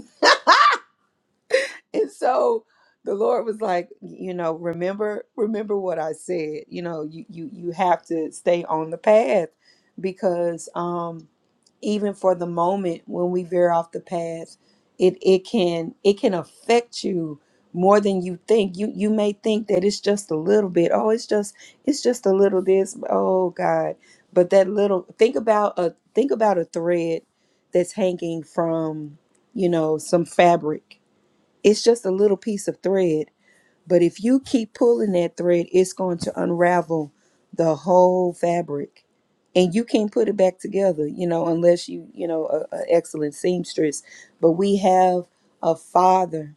[LAUGHS] and so the Lord was like, you know, remember, remember what I said. You know, you you you have to stay on the path because. um even for the moment when we veer off the path it it can it can affect you more than you think you you may think that it's just a little bit oh it's just it's just a little this oh god but that little think about a think about a thread that's hanging from you know some fabric it's just a little piece of thread but if you keep pulling that thread, it's going to unravel the whole fabric. And you can't put it back together, you know, unless you, you know, a, a excellent seamstress. But we have a father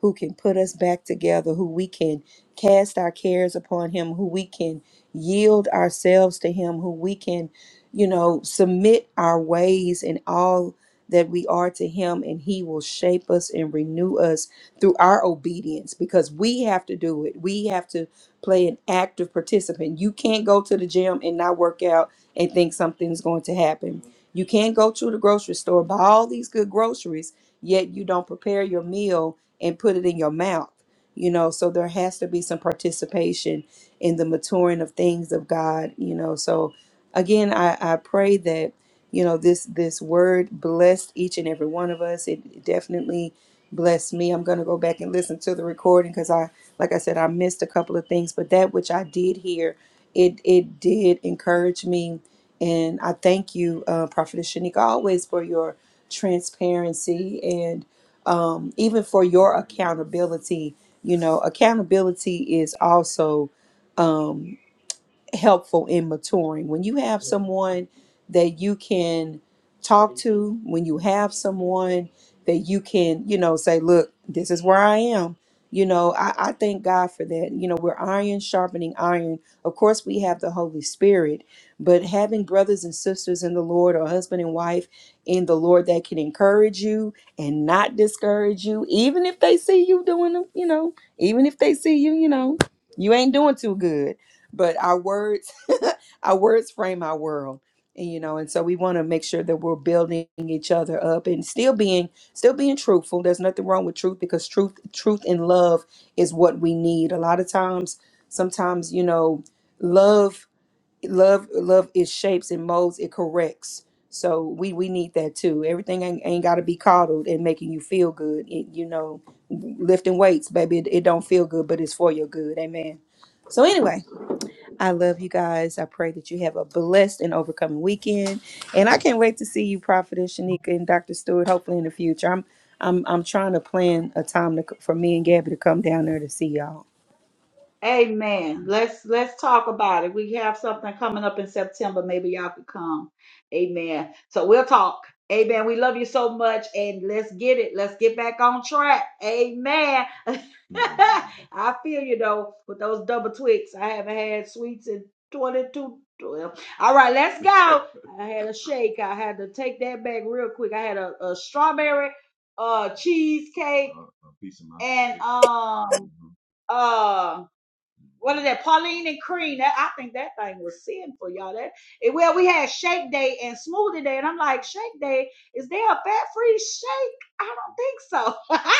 who can put us back together, who we can cast our cares upon Him, who we can yield ourselves to Him, who we can, you know, submit our ways and all that we are to Him, and He will shape us and renew us through our obedience because we have to do it. We have to play an active participant. You can't go to the gym and not work out and think something's going to happen. You can't go to the grocery store, buy all these good groceries, yet you don't prepare your meal and put it in your mouth. You know, so there has to be some participation in the maturing of things of God, you know. So again, I, I pray that, you know, this this word blessed each and every one of us. It definitely blessed me. I'm gonna go back and listen to the recording because I like I said, I missed a couple of things, but that which I did hear, it it did encourage me. And I thank you, uh, Prophetess Shanika, always for your transparency um, even for your accountability, you know, accountability is also um, helpful in maturing. When you have someone that you can talk to, when you have someone that you can, you know, say, look, this is where I am. You know, I, I thank God for that. You know, we're iron sharpening iron. Of course, we have the Holy Spirit, but having brothers and sisters in the Lord or husband and wife in the Lord that can encourage you and not discourage you, even if they see you doing, you know, even if they see you, you know, you ain't doing too good but our words [LAUGHS] our words frame our world and you know and so we want to make sure that we're building each other up and still being still being truthful there's nothing wrong with truth because truth truth and love is what we need a lot of times sometimes you know love love love is shapes and molds it corrects so we we need that too everything ain't, ain't got to be coddled and making you feel good it, you know lifting weights baby it, it don't feel good but it's for your good amen so anyway I love you guys. I pray that you have a blessed and overcoming weekend. And I can't wait to see you, Prophetess Shanika and Dr. Stewart, hopefully in the future. I'm I'm I'm trying to plan a time to, for me and Gabby to come down there to see y'all. Amen. Let's let's talk about it. We have something coming up in September. Maybe y'all could come. Amen. So we'll talk. Amen. We love you so much. And let's get it. Let's get back on track. Amen. [LAUGHS] I feel you though with those double twigs. I haven't had sweets in 22. Well, all right, let's go. [LAUGHS] I had a shake. I had to take that back real quick. I had a, a strawberry uh cheesecake Uh, a piece of my and cake. um uh what is that? Pauline and Cream. That I think that thing was sinful, y'all. That it, well, we had Shake Day and Smoothie Day, and I'm like, Shake Day, is there a fat free shake? I don't think so. [LAUGHS]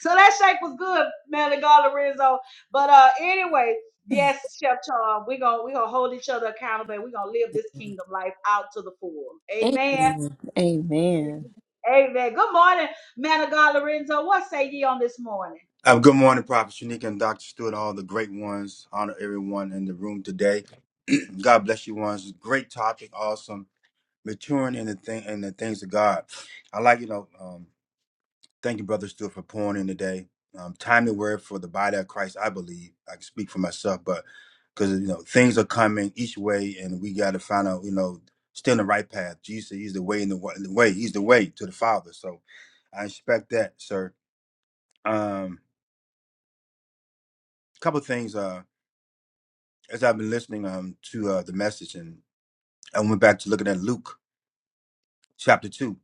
so that shake was good, Melly Gala Rizzo. But uh, anyway, yes, Chef Charm, we are gonna we are gonna hold each other accountable. and We are gonna live this kingdom life out to the full. Amen. Amen. Amen. Amen. Good morning, man of God, What say ye on this morning? Uh, good morning, Prophet Shanique and Dr. Stewart, all the great ones. Honor everyone in the room today. [CLEARS THROAT] God bless you ones. Great topic, awesome. Maturing in the thing in the things of God. I like, you know, um, thank you, Brother Stewart, for pouring in today. Um, timely word for the body of Christ, I believe. I can speak for myself, but because you know, things are coming each way and we gotta find out, you know, stay on the right path. Jesus, he's the way in the wa- the way, he's the way to the Father. So I expect that, sir. Um, couple things. uh, as I've been listening um to uh, the message, and I went back to looking at Luke chapter two,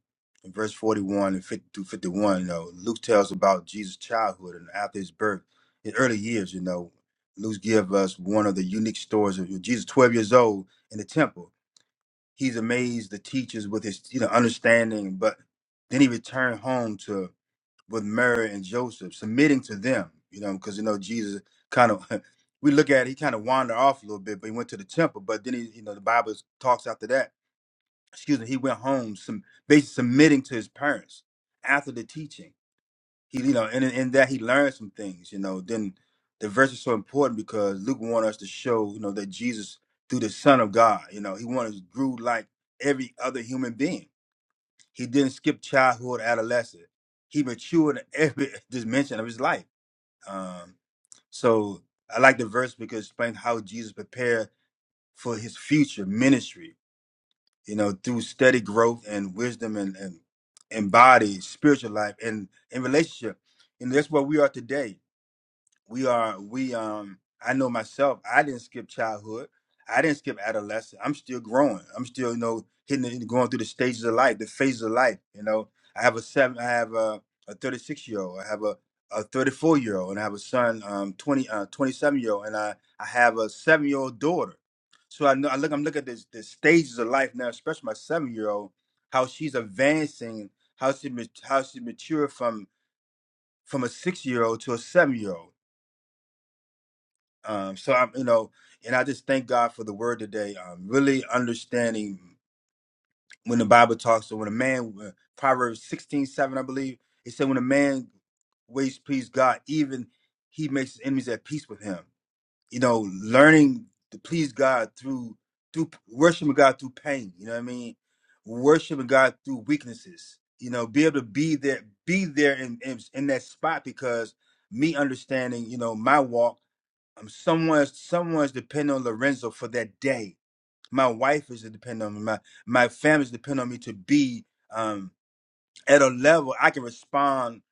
and verse forty-one and 50 through fifty-one. You know, Luke tells about Jesus' childhood and after his birth, his early years. You know, Luke gives us one of the unique stories of Jesus, twelve years old in the temple. He's amazed the teachers with his you know understanding, but then he returned home to with Mary and Joseph, submitting to them, you know, because you know Jesus kind of [LAUGHS] we look at it, he kind of wandered off a little bit, but he went to the temple. But then he, you know, the Bible talks after that. Excuse me, he went home, some basically submitting to his parents after the teaching. He, you know, and in in that he learned some things, you know. Then the verse is so important because Luke wanted us to show, you know, that Jesus through the Son of God, you know, he wanted grew like every other human being he didn't skip childhood, adolescence. He matured in every [LAUGHS] dimension of his life. Um, so I like the verse because it explains how Jesus prepared for his future ministry, you know, through steady growth and wisdom and, and, and body, spiritual life and, and relationship. And that's where we are today we are we um i know myself i didn't skip childhood i didn't skip adolescence i'm still growing i'm still you know hitting the, going through the stages of life the phases of life you know i have a seven i have a, a 36 year old i have a, a 34 year old and i have a son um 20 uh, 27 year old and i i have a seven year old daughter so i know i look i'm looking at this the stages of life now especially my seven year old how she's advancing how she mat- how she matured from from a six year old to a seven year old um, so I'm, you know, and I just thank God for the word today. Um, really understanding when the Bible talks to when a man, uh, Proverbs 16 7, I believe, it said, when a man ways to please God, even he makes his enemies at peace with him. You know, learning to please God through, through worshiping God through pain. You know what I mean? Worshiping God through weaknesses. You know, be able to be there, be there in, in, in that spot because me understanding, you know, my walk um, someone's someone's dependent on Lorenzo for that day. My wife is dependent on me. My my family's dependent on me to be. um, at a level I can respond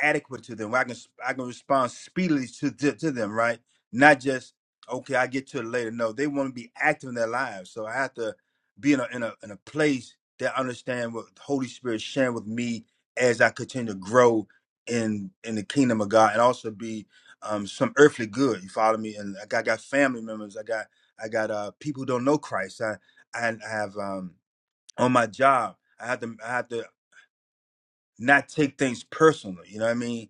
adequate to them. where I can I can respond speedily to to, to them, right? Not just okay, I get to it later. No, they want to be active in their lives, so I have to be in a in a in a place that I understand what the Holy Spirit is sharing with me as I continue to grow in in the kingdom of God, and also be um, some earthly good. You follow me? And I got, I got family members. I got I got uh, people who don't know Christ. I I, I have um, on my job. I have to. I have to not take things personally. You know what I mean?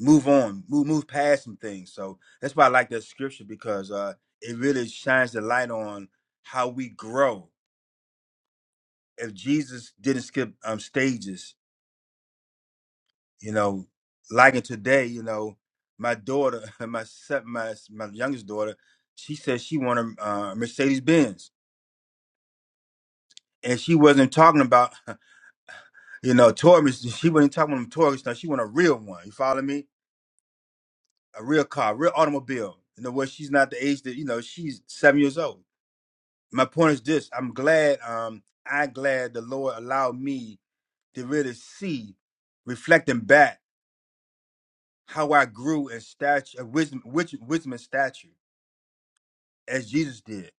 Move on, move move past some things. So that's why I like that scripture because uh, it really shines the light on how we grow. If Jesus didn't skip um, stages, you know, like in today, you know, my daughter, [LAUGHS] my se- my my youngest daughter, she said she wanted uh, Mercedes Benz, and she wasn't talking about [LAUGHS] you know toy. Mercedes- She wasn't talking about toys. Now she want a real one. You follow me? a real car, real automobile. You know, where she's not the age that you know she's seven years old. My point is this: I'm glad, um, I'm glad the Lord allowed me to really see, reflecting back how I grew in stature, uh, wisdom, wis- wisdom and stature, as Jesus did.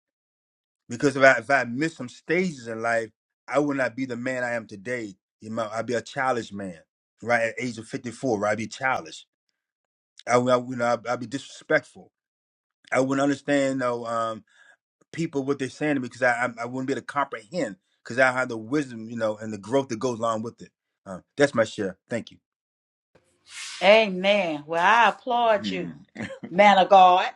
Because if I if I missed some stages in life, I would not be the man I am today. You know, I'd be a childish man, right? At age of 54, right? I'd be childish. I, would- I would- you know, I'd, I'd be disrespectful. I wouldn't understand, no. people what they're saying to me because I, I I wouldn't be able to comprehend because I have the wisdom, you know, and the growth that goes along with it. Uh, that's my share. Thank you. Amen. Well, I applaud you, Mm. [LAUGHS] man of God.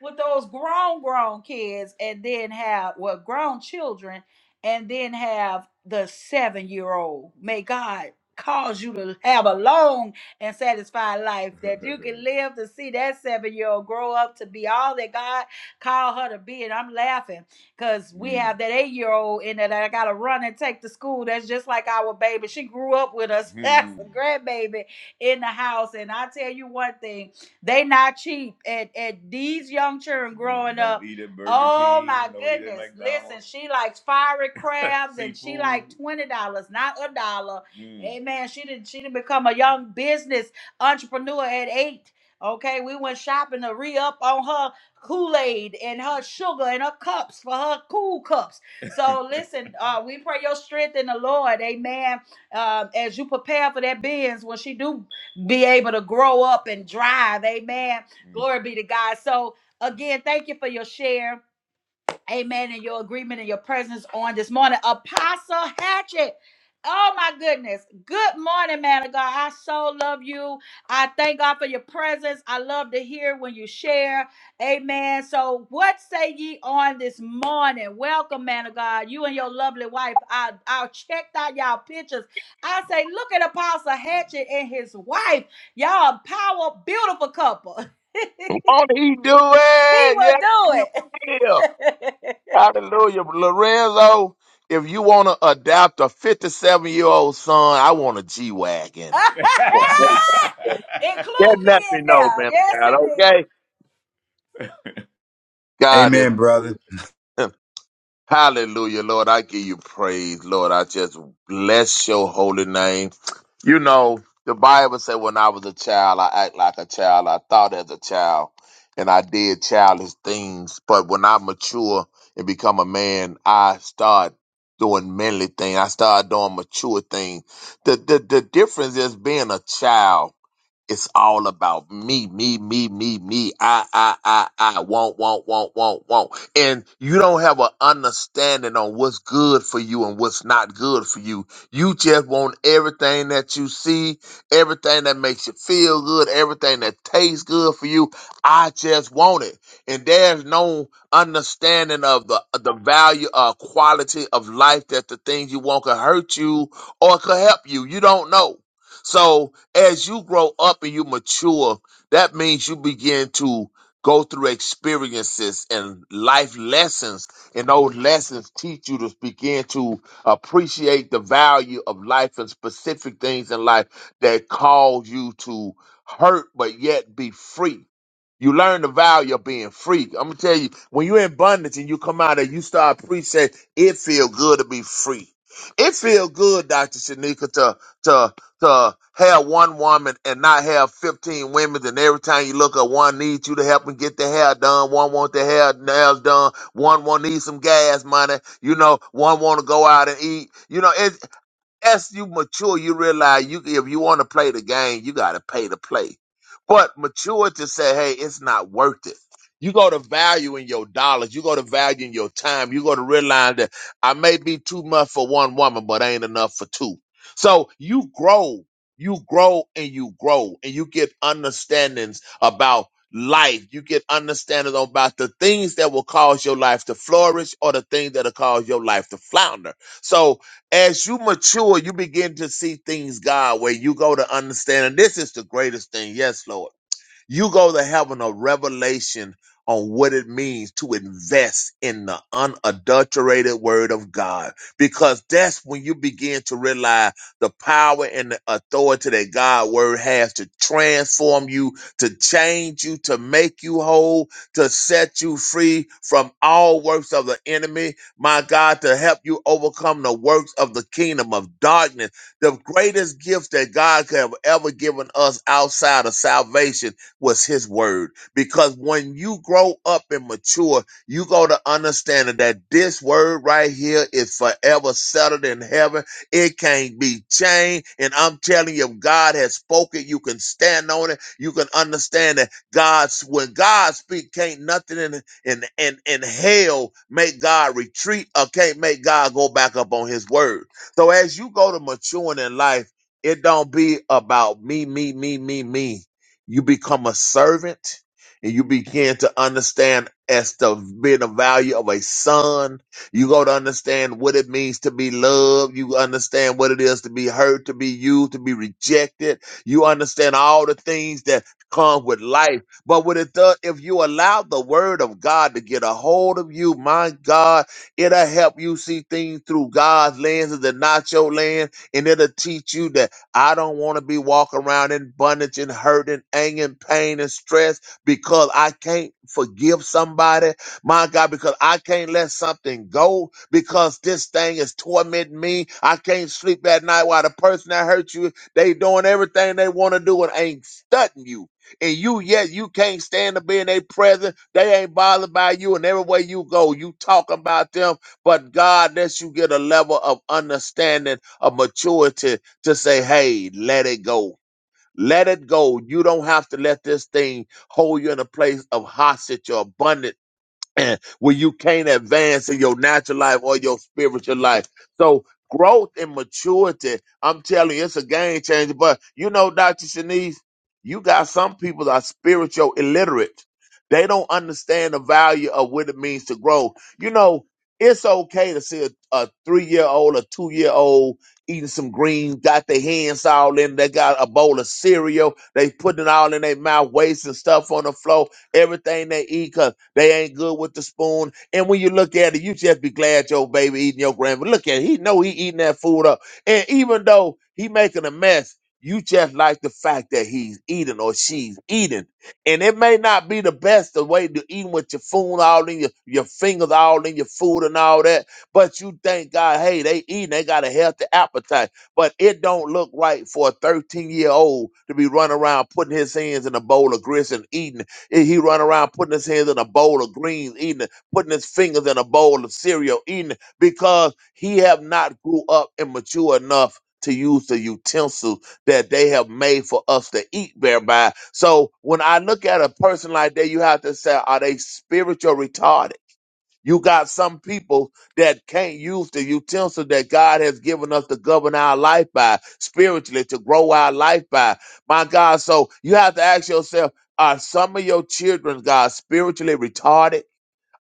with those grown grown kids and then have well grown children and then have the seven year old may god cause you to have a long and satisfied life that you can [LAUGHS] live to see that seven year old grow up to be all that god called her to be and i'm laughing because we Mm. have that eight year old in there that i gotta run and take to school that's just like our baby she grew up with us [LAUGHS] that's a grandbaby in the house and i tell you one thing they not cheap. And and these young children growing up. oh King, my goodness. Listen, she likes fiery crabs [LAUGHS] and she like twenty dollars, not a dollar. Mm. Amen. She didn't she didn't become a young business entrepreneur at eight. Okay, we went shopping to re-up on her Kool-Aid and her sugar and her cups for her cool cups. So [LAUGHS] listen, uh, we pray your strength in the Lord, amen. Um, as you prepare for that Benz, when she do be able to grow up and drive. Amen. Glory be to God. So, again, thank you for your share. Amen. And your agreement and your presence on this morning. Apostle Hatchet. Oh my goodness. Good morning, man of God. I so love you. I thank God for your presence. I love to hear when you share. Amen. So, what say ye on this morning? Welcome, man of God. You and your lovely wife. I, I checked out y'all pictures. I say, look at Apostle Hatchet and his wife. Y'all a power, beautiful couple. [LAUGHS] Won't he do He it? will Yes, he do it. will. [LAUGHS] Hallelujah. Lorenzo, if you want to adopt a 57 year old son, I want a G Wagon. Yeah, [LAUGHS] Include me let me in know, man. there. of Yes, God, indeed. okay? God is. Amen, brother. [LAUGHS] Hallelujah, Lord. I give you praise, Lord. I just bless your holy name. You know, the Bible said when I was a child, I act like a child. I thought as a child and I did childish things. But when I mature and become a man, I start doing manly things. I start doing mature things. The, the, the difference is being a child. It's all about me, me, me, me, me. I, I, I, I want, want, want, want, want. And you don't have an understanding on what's good for you and what's not good for you. You just want everything that you see, everything that makes you feel good, everything that tastes good for you. I just want it. And there's no understanding of the the value or quality of life that the things you want could hurt you or could help you. You don't know. So as you grow up and you mature, that means you begin to go through experiences and life lessons, and those lessons teach you to begin to appreciate the value of life and specific things in life that cause you to hurt but yet be free. You learn the value of being free. I'm gonna tell you, when you're in abundance and you come out and you start appreciating, it feel good to be free. It feel good, Dr. Shanika, to to to have one woman and not have 15 women, and every time you look at one needs you to help them get their hair done, one want their hair nails done, one want need some gas money, you know, one want to go out and eat, you know, it as you mature, you realize you if you want to play the game, you got to pay to play. But mature to say, hey, it's not worth it. You go to value in your dollars. You go to value in your time. You go to realize that I may be too much for one woman, but ain't enough for two. So you grow, you grow, and you grow, and you get understandings about life. You get understandings about the things that will cause your life to flourish or the things that'll cause your life to flounder. So as you mature, you begin to see things God where you go to understand. And this is the greatest thing. Yes, Lord. You go to having a revelation on what it means to invest in the unadulterated word of God. Because that's when you begin to realize the power and the authority that God's word has to transform you, to change you, to make you whole, to set you free from all works of the enemy. My God, to help you overcome the works of the kingdom of darkness. The greatest gift that God could have ever given us outside of salvation was his word. Because when you grow up and mature, you go to understanding that this word right here is forever settled in heaven. It can't be changed. And I'm telling you, if God has spoken, you can stand on it. You can understand that God's when God speaks, can't nothing in in in, in hell make God retreat or can't make God go back up on his word. So as you go to maturing in life, it don't be about me, me, me, me, me you become a servant and you begin to understand as to being the value of a son. You go to understand what it means to be loved. You understand what it is to be hurt, to be used, to be rejected. You understand all the things that come with life. But what it does, if you allow the word of God to get a hold of you, my God, it'll help you see things through God's lenses and not your lens. And it'll teach you that. I don't want to be walking around in bondage and hurt and anger and pain and stress because I can't forgive somebody. My God, because I can't let something go because this thing is tormenting me. I can't sleep at night while the person that hurt you, they doing everything they want to do and ain't studying you. And you yet you can't stand to be in their presence. They ain't bothered by you, and everywhere you go, you talking about them. But God lets you get a level of understanding, of maturity, to say, hey, let it go. Let it go. You don't have to let this thing hold you in a place of hostage or abundance and where you can't advance in your natural life or your spiritual life. So growth and maturity, I'm telling you, it's a game changer. But you know, Dr. Shanice, you got some people that are spiritual illiterate. They don't understand the value of what it means to grow. You know, it's okay to see a, a three year old, a two year old eating some greens, got their hands all in. They got a bowl of cereal. They putting it all in their mouth, wasting stuff on the floor, everything they eat. 'cause they ain't good with the spoon. And when you look at it, you just be glad your baby eating your grandma. Look at it. He know he eating that food up. And even though he making a mess, you just like the fact that he's eating or she's eating. And it may not be the best the way to eating with your food all in your, your fingers all in your food and all that. But you thank God, hey, they eating, they got a healthy appetite. But it don't look right for a 13 year old to be running around putting his hands in a bowl of grits and eating and He run around putting his hands in a bowl of greens, eating it, putting his fingers in a bowl of cereal, eating it, because he have not grew up and mature enough to use the utensils that they have made for us to eat thereby. So when I look at a person like that, you have to say, are they spiritual retarded? You got some people that can't use the utensil that God has given us to govern our life by, spiritually, to grow our life by. My God, so you have to ask yourself, are some of your children, God, spiritually retarded?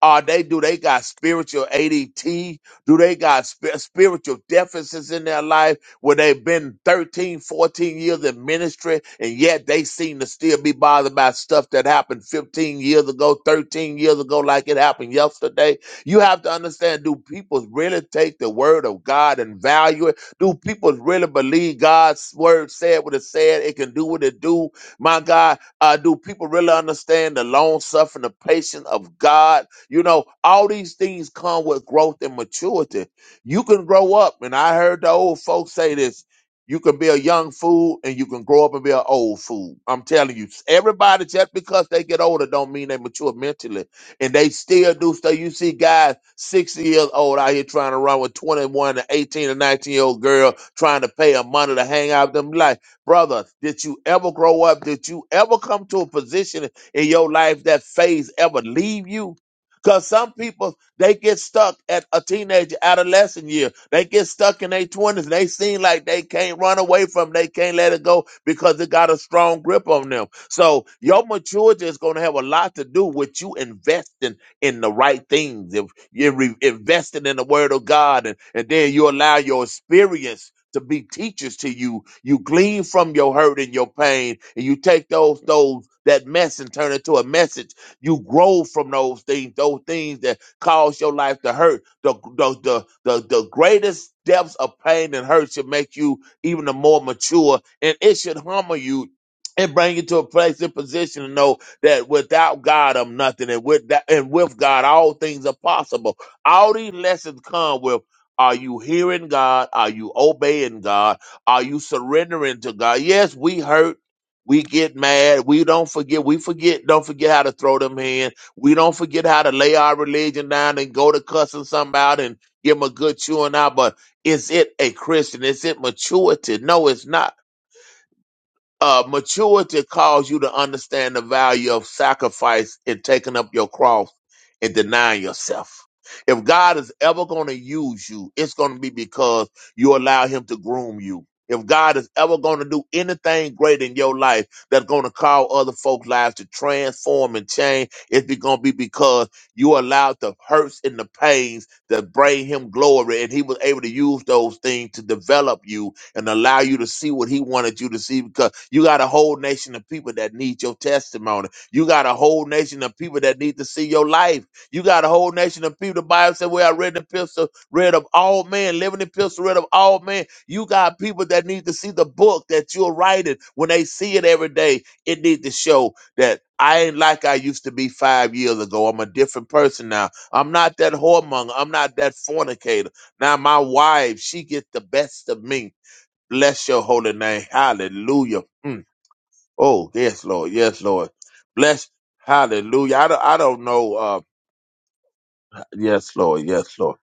Are they do they got spiritual ADT? Do they got sp- spiritual deficits in their life where they've been 13, 14 years in ministry and yet they seem to still be bothered by stuff that happened 15 years ago, 13 years ago, like it happened yesterday? You have to understand do people really take the word of God and value it? Do people really believe God's word said what it said? It can do what it do. My God, uh, do people really understand the long suffering, the patience of God? You know, all these things come with growth and maturity. You can grow up, and I heard the old folks say this. You can be a young fool and you can grow up and be an old fool. I'm telling you, everybody just because they get older don't mean they mature mentally. And they still do stuff. You see guys 60 years old out here trying to run with 21 and 18 and 19 year old girl trying to pay her money to hang out with them. Like, brother, did you ever grow up? Did you ever come to a position in your life that phase ever leave you? Because some people, they get stuck at a teenage adolescent year. They get stuck in their 20s. They seem like they can't run away from it. They can't let it go because it got a strong grip on them. So your maturity is going to have a lot to do with you investing in the right things. If you're re- investing in the word of God and, and then you allow your experience to be teachers to you, you glean from your hurt and your pain and you take those, those, that mess and turn it to a message you grow from those things, those things that cause your life to hurt. The the the the, the greatest depths of pain and hurt should make you even the more mature, and it should humble you. And bring you to a place and position to know that without God I'm nothing, and with that, and with God all things are possible. All these lessons come with: Are you hearing God? Are you obeying God? Are you surrendering to God? Yes, we hurt. We get mad. We don't forget. We forget. Don't forget how to throw them hands. We don't forget how to lay our religion down and go to cussing something out and give them a good chewing out. But is it a Christian? Is it maturity? No, it's not. Uh, maturity calls you to understand the value of sacrifice and taking up your cross and denying yourself. If God is ever going to use you, it's going to be because you allow Him to groom you. If God is ever going to do anything great in your life that's going to cause other folks' lives to transform and change, it's going to be because you allowed the hurts and the pains that bring Him glory, and He was able to use those things to develop you and allow you to see what he wanted you to see because you got a whole nation of people that need your testimony. You got a whole nation of people that need to see your life. You got a whole nation of people. The Bible said, Well, I read the epistle, read of all men, living the epistle, read of all men. You got people that need to see the book that you're writing. When they see it every day, it needs to show that I ain't like I used to be five years ago. I'm a different person now. I'm not that whoremonger. I'm not that fornicator. Now my wife, she gets the best of me. Bless your holy name. Hallelujah. Mm. Oh, yes, Lord. Yes, Lord. Bless. Hallelujah. I don't, I don't know. Uh, yes, Lord. Yes, Lord.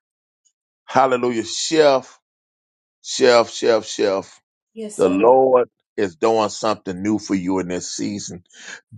Hallelujah. Chef, chef, chef, chef. Yes, The sir. Lord is doing something new for you in this season.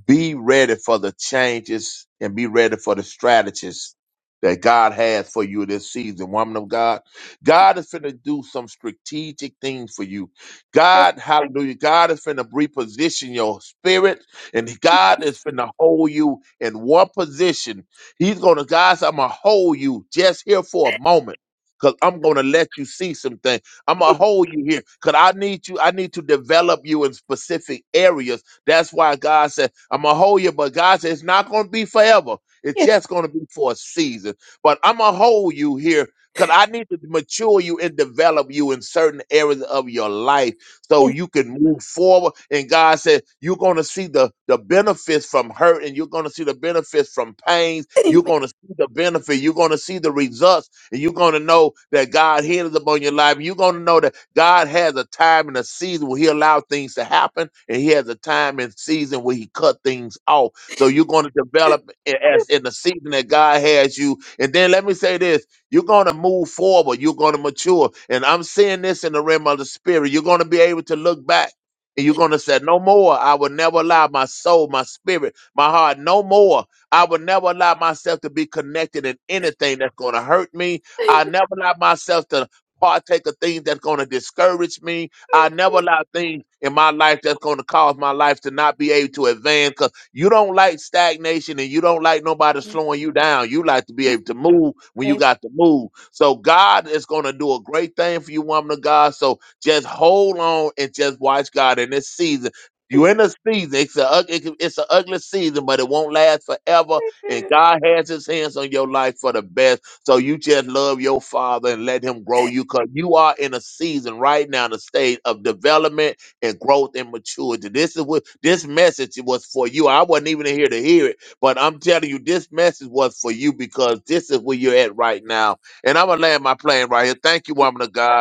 be ready for the changes and be ready for the strategies that God has for you this season, woman of God. God is finna do some strategic things for you. God, hallelujah, God is finna reposition your spirit and God is finna hold you in one position. He's gonna, guys, I'm gonna hold you just here for a moment. Cause I'm gonna let you see some things. I'm gonna hold you here. Cause I need you, I need to develop you in specific areas that's why God said, I'm going to hold you, but God said, it's not going to be forever. It's Yeah. just going to be for a season. But I'm going to hold you here because I need to mature you and develop you in certain areas of your life so Yes. you can move forward. And God said, you're going to see the, the benefits from hurt and you're going to see the benefits from pains. You're Amen. going to see the benefit. You're going to see the results and you're going to know that God heals upon your life. You're going to know that. God has a time and a season where He allows things to happen, and He has a time and season where He cut things off. So you're going to develop i- as in the season that God has you. And then let me say this: you're going to move forward. You're going to mature. And I'm seeing this in the realm of the spirit. You're going to be able to look back. And you're going to say, No more. I will never allow my soul, my spirit, my heart, no more. I will never allow myself to be connected in anything that's going to hurt me. I never allow myself to partake of things that's going to discourage me. I never allow things in my life that's going to cause my life to not be able to advance because you don't like stagnation and you don't like nobody slowing you down. You like to be able to move when you Amen. got to move. So God is going to do a great thing for you, woman of God. So just hold on and just watch God in this season. You're in a season. It's a ug- it can- it's an ugly season, but it won't last forever. And God has His hands on your life for the best so you just love your father and let him grow you because you are in a season right now, the state of development and growth and maturity. This is what this message was for you. I wasn't even here to hear it, but I'm telling you, this message was for you because this is where you're at right now. And I'm gonna land my plane right here. Thank you, woman of God.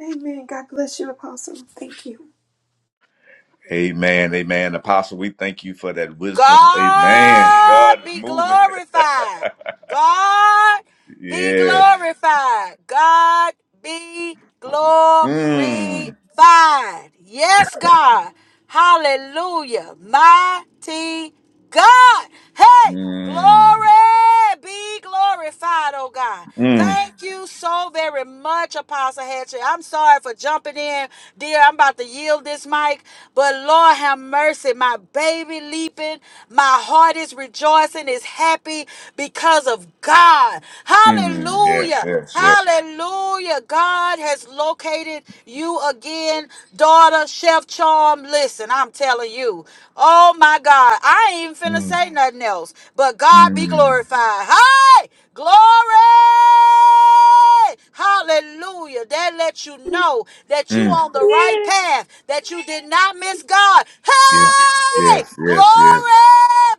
Amen. God bless you, Apostle. Thank you. Amen, amen. Apostle, we thank you for that wisdom. Amen. God God is be moving. glorified. God. be Yes. glorified. God be glorified. Mm. Yes, God. Hallelujah. Mighty God. Hey, glory Mm. be glorified, oh God. Mm. Thank you so very much, Apostle Hatcher. I'm sorry for jumping in, dear. I'm about to yield this mic, but Lord have mercy. My baby leaping, my heart is rejoicing, is happy because of God. Mm. Yes, Hallelujah. yes, yes. Hallelujah. God has located you again, daughter, Chef Charm. Listen, I'm telling you. Oh my God. I ain't even finna Mm. say nothing else. But God be Mm. glorified. Hey! Glory! Hey, Hallelujah. That lets you know that you Mm. on the right Yes. path, that you did not miss God. Yeah. Hey! Yes, yes, yes. Glory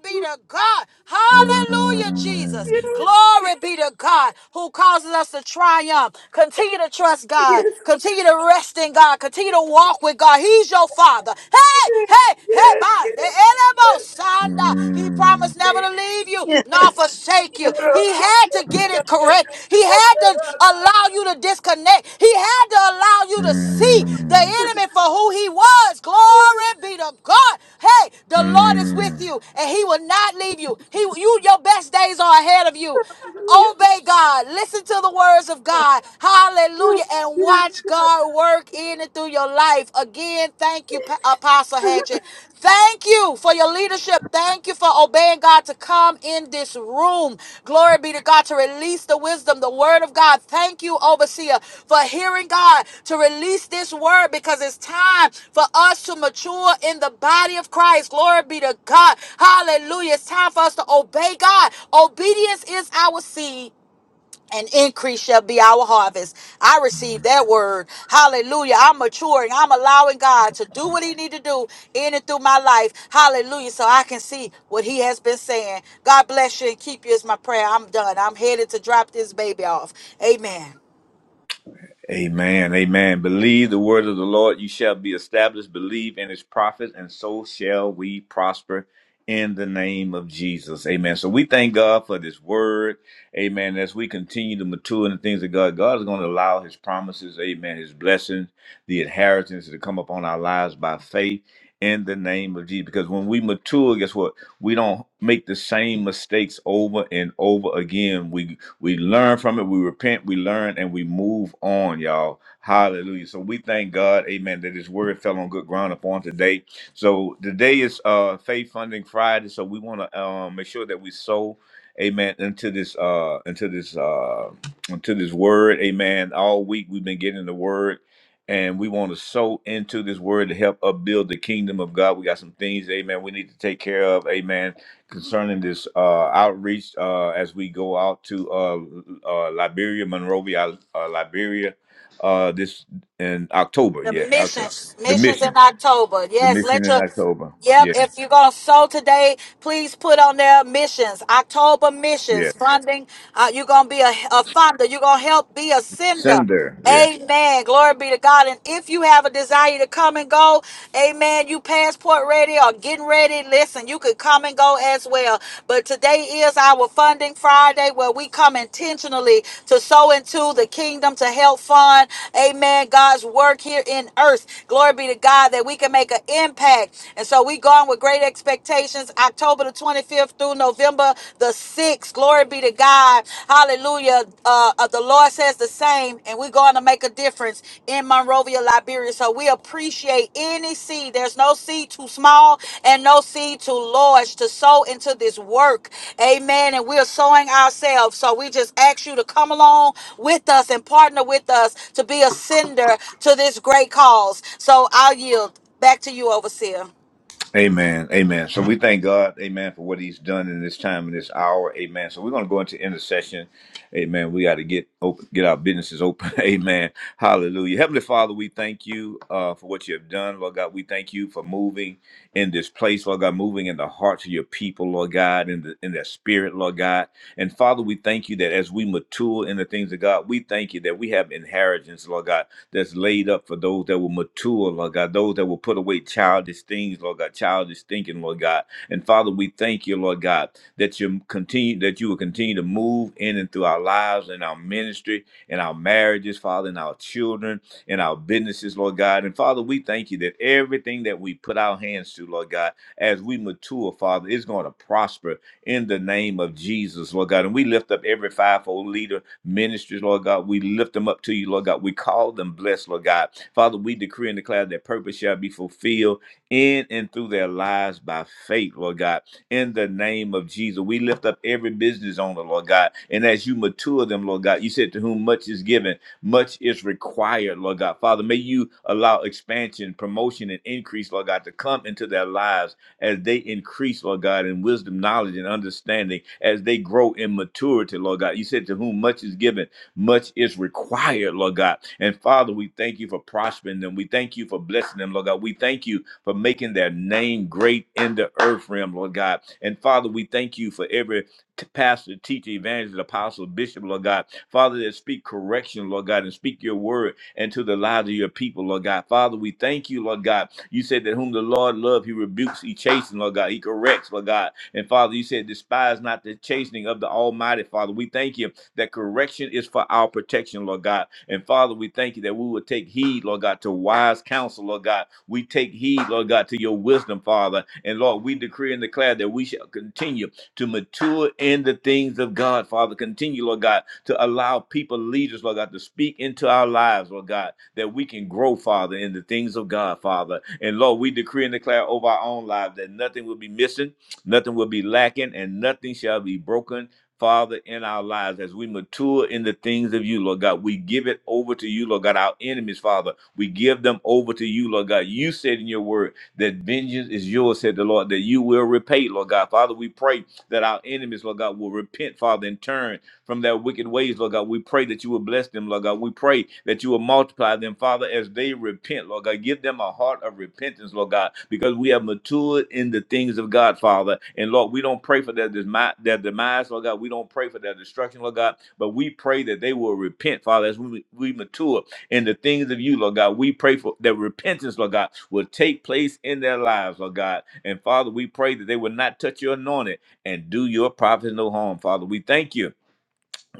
be to God. Hallelujah, Jesus. Yes, Mm. Glory be to God who causes us to triumph. Continue to trust God. yes, Continue to rest in God. Continue to walk with God. He's your father. Hey, yes, hey, hey, yes, yes. by the Yes. elbow, Sanda. He Mm. promised never to leave you Yes. nor forsake you. He had to get it Yes. Yes. correct. He had to Yes. allow you to disconnect. He had to allow you to see the Mm. enemy for who he was. Glory be to God. Hey, the Lord is with Mm. you and he will not leave you. He you your best days are ahead of you. Hallelujah. Obey God. Listen to the words of God. Yes, Hallelujah. And yes, watch God work in and through your your life. Again, thank you, Pa- Apostle Hatchet. Thank you for your leadership. Thank you for obeying God to come in this room. Glory be to God to release the wisdom, the word of God. Thank you, Overseer, for hearing God to release this word because it's time for us to mature in the body of Christ. Glory be to God. Hallelujah. It's time for us to obey God. Obedience is our seed and increase shall be our harvest. I Mm. receive that word. Hallelujah. I'm maturing. I'm allowing God to do what he need to do in and through my life. Hallelujah. So I can see what he has been saying. God bless you and keep you is my prayer. I'm done. I'm headed to drop this baby off. Amen. Amen. Amen. Believe the word of the Lord, you shall be established. Believe in his prophets, and so shall we prosper in the name of Jesus. Amen. So we thank God for this word. Amen. As we continue to mature in the things of God, God is going to allow his promises, amen, his blessings, the inheritance to come upon our lives by faith in the name of Jesus. Because when we mature, guess what? We don't make the same mistakes over and over again. We we learn from it. We repent. We learn and we move on, y'all. Hallelujah. So we thank God, amen, that his word fell on good ground upon today. So today is uh Faith Funding Friday. So we want to um make sure that we sow, amen, into this uh into this uh into this word, amen. All week we've been getting the word and we want to sow into this word to help upbuild the kingdom of God. We got some things, amen, we need to take care of, amen concerning this uh, outreach uh, as we go out to uh, uh, Liberia, Monrovia, uh, Liberia, uh, this in October. The Yeah, October. missions, The missions in mission, October. the Yes, mission let in your. October. Yep, Yeah, if you're gonna sow today, please put on there missions, October missions yes. funding. Uh, you're gonna be a, a funder. You're gonna help be a sender. Sender. Amen. Glory be to God. And if you have a desire to come and go, amen, you passport ready or getting ready, listen, you could come and go as well. But today is our funding Friday where we come intentionally to sow into the kingdom to help fund, amen, God's work here in earth. Glory be to God that we can make an impact. And so we going with great expectations October the 25th through November the 6th. Glory be to God. Hallelujah. Uh, uh, the Lord says the same name and we're going to make a difference in Monrovia, Liberia. So we appreciate any seed. There's no seed too small and no seed too large to sow into this work. Amen. And we're sowing ourselves. So we just ask you to come along with us and partner with us to be a sender to this great cause. So I'll yield back to you, Overseer. Amen. Amen. So we thank God, amen, for what he's done in this time, in this hour. Amen. So we're going to go into intercession. Amen. We got to get open, get our businesses open. [LAUGHS] Amen. Hallelujah. Heavenly Father, we thank you uh, for what you have done, Lord God. We thank you for moving in this place, Lord God, moving in the hearts of your people, Lord God, in, the, in their spirit, Lord God. And Father, we thank you that as we mature in the things of God, we thank you that we have inheritance, Lord God that's laid up for those that will mature, Lord God, those that will put away childish things, Lord God, childish thinking, Lord God. And Father, we thank you, Lord God, that you continue that you will continue to move in and through our lives and our ministry and our marriages, Father, and our children and our businesses, Lord God. And Father, we thank you that everything that we put our hands to, Lord God, as we mature, Father, is going to prosper in the name of Jesus, Lord God. And we lift up every fivefold leader ministries, Lord God. We lift them up to you, Lord God. We call them blessed, Lord God. Father, we decree and declare that purpose shall be fulfilled in and through their lives by faith, Lord God. In the name of Jesus, we lift up every business owner, Lord God. And as you mature them, Lord God, you said to whom much is given, much is required, Lord God. Father, may you allow expansion, promotion, and increase, Lord God, to come into their lives as they increase, Lord God, in wisdom, knowledge, and understanding, as they grow in maturity, Lord God. You said to whom much is given, much is required, Lord God. And Father, we thank you for prospering them. We thank you for blessing them, Lord God. We thank you for making their name great in the earth realm, Lord God. And Father, we thank you for every t- pastor, teacher, evangelist, apostle, bishop, Lord God. Father, that speak correction, Lord God, and speak your word into the lives of your people, Lord God. Father, we thank you, Lord God you said that whom the Lord loves, he rebukes, he chastens, Lord God. He corrects, Lord God. And Father, you said, despise not the chastening of the Almighty, Father. We thank you that correction is for our protection, Lord God. And Father, we thank you that we will take heed, Lord God, to wise counsel, Lord God. We take heed, Lord God, to your wisdom, Father. And Lord, we decree and declare that we shall continue to mature in the things of God, Father. Continue, Lord God, to allow people, leaders, Lord God, to speak into our lives, Lord God that we can grow, Father, in the things of God, Father. And Lord, we decree and declare over our own lives that nothing will be missing, nothing will be lacking, and nothing shall be broken. Father, in our lives, as we mature in the things of you, Lord God, we give it over to you, Lord God. Our enemies, Father, we give them over to you, Lord God. You said in your word that vengeance is yours, said the Lord, that you will repay, Lord God. Father, we pray that our enemies, Lord God, will repent, Father, and turn from their wicked ways, Lord God. We pray that you will bless them, Lord God. We pray that you will multiply them, Father, as they repent, Lord God. Give them a heart of repentance, Lord God, because we have matured in the things of God, Father. And Lord, we don't pray for their, demi- their demise, Lord God. We don't pray for their destruction, Lord God, but we pray that they will repent, Father, as we, we mature in the things of you, Lord God. We pray for that repentance, Lord God, will take place in their lives, Lord God. And Father, we pray that they will not touch your anointing and do your prophets no harm, Father. We thank you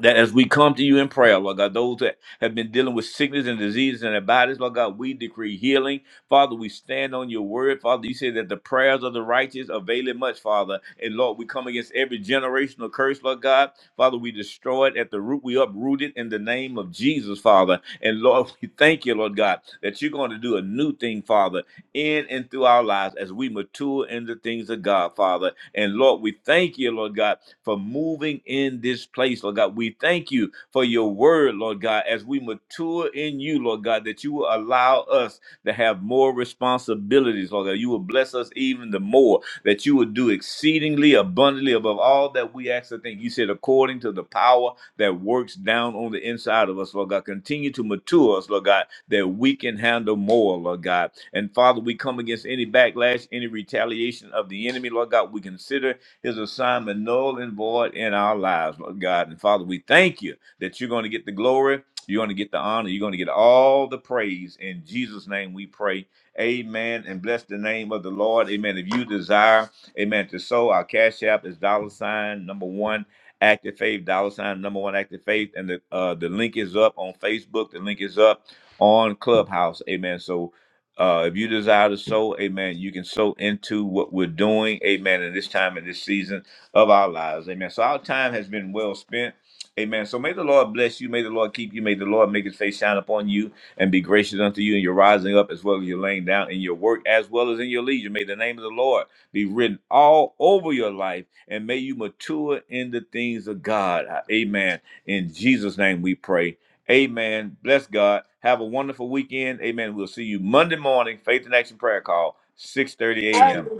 that as we come to you in prayer, Lord God, those that have been dealing with sickness and diseases in their bodies, Lord God, we decree healing. Father, we stand on your word. Father, you say that the prayers of the righteous avail it much, Father. And Lord, we come against every generational curse, Lord God. Father, we destroy it at the root. We uproot it in the name of Jesus, Father. And Lord, [LAUGHS] we thank you, Lord God, that you're going to do a new thing, Father, in and through our lives as we mature in the things of God, Father. And Lord, we thank you, Lord God for moving in this place, Lord God. We thank you for your word, Lord God, as we mature in you, Lord God, that you will allow us to have more responsibilities, Lord God. You will bless us even the more, that you will do exceedingly abundantly above all that we ask or think. You said, according to the power that works down on the inside of us, Lord God. Continue to mature us, Lord God, that we can handle more, Lord God. And Father, we come against any backlash, any retaliation of the enemy, Lord God. We consider his assignment null and void in our lives, Lord God. And Father, we thank you that you're going to get the glory, you're going to get the honor, you're going to get all the praise. In Jesus' name we pray. Amen. And bless the name of the Lord. Amen. If you desire, amen, to sow, our cash app is dollar sign number one. Active Faith, dollar sign number one Active Faith, and the uh, the link is up on Facebook. The link is up on Clubhouse. Amen. So uh, if you desire to sow, amen, you can sow into what we're doing, amen, in this time and this season of our lives, amen. So our time has been well spent, amen. So may the Lord bless you, may the Lord keep you, may the Lord make his face shine upon you and be gracious unto you in your rising up as well as your laying down in your work as well as in your leisure. May the name of the Lord be written all over your life and may you mature in the things of God, amen. In Jesus' name we pray. Amen. Bless God. Have a wonderful weekend. Amen. We'll see you Monday morning, Faith in Action Prayer Call, six thirty 30 Amen. a.m.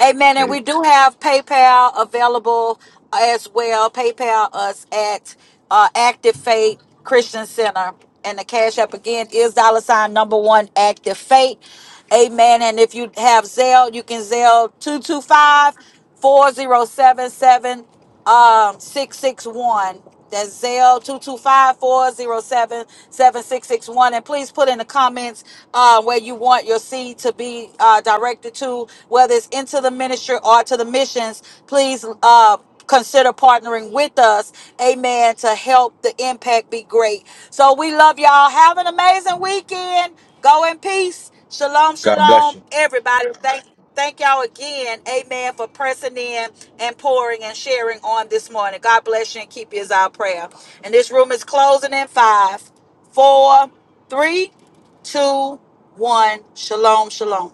Amen. And we do have PayPal available as well. PayPal us at uh, Active Faith Christian Center. And the cash app again is dollar sign number one Active Faith. Amen. And if you have Zelle, you can Zelle 225 4077 um 661 that's Zell two two five four zero seven seven six six one. and please put in the comments uh, where you want your seed to be uh, directed to whether it's into the ministry or to the missions please uh consider partnering with us amen to help the impact be great so we love y'all have an amazing weekend go in peace Shalom, God bless shalom, you. everybody. Thank, thank y'all again, amen, for pressing in and pouring and sharing on this morning. God bless you and keep you is our prayer. And this room is closing in five, four, three, two, one. Shalom, shalom.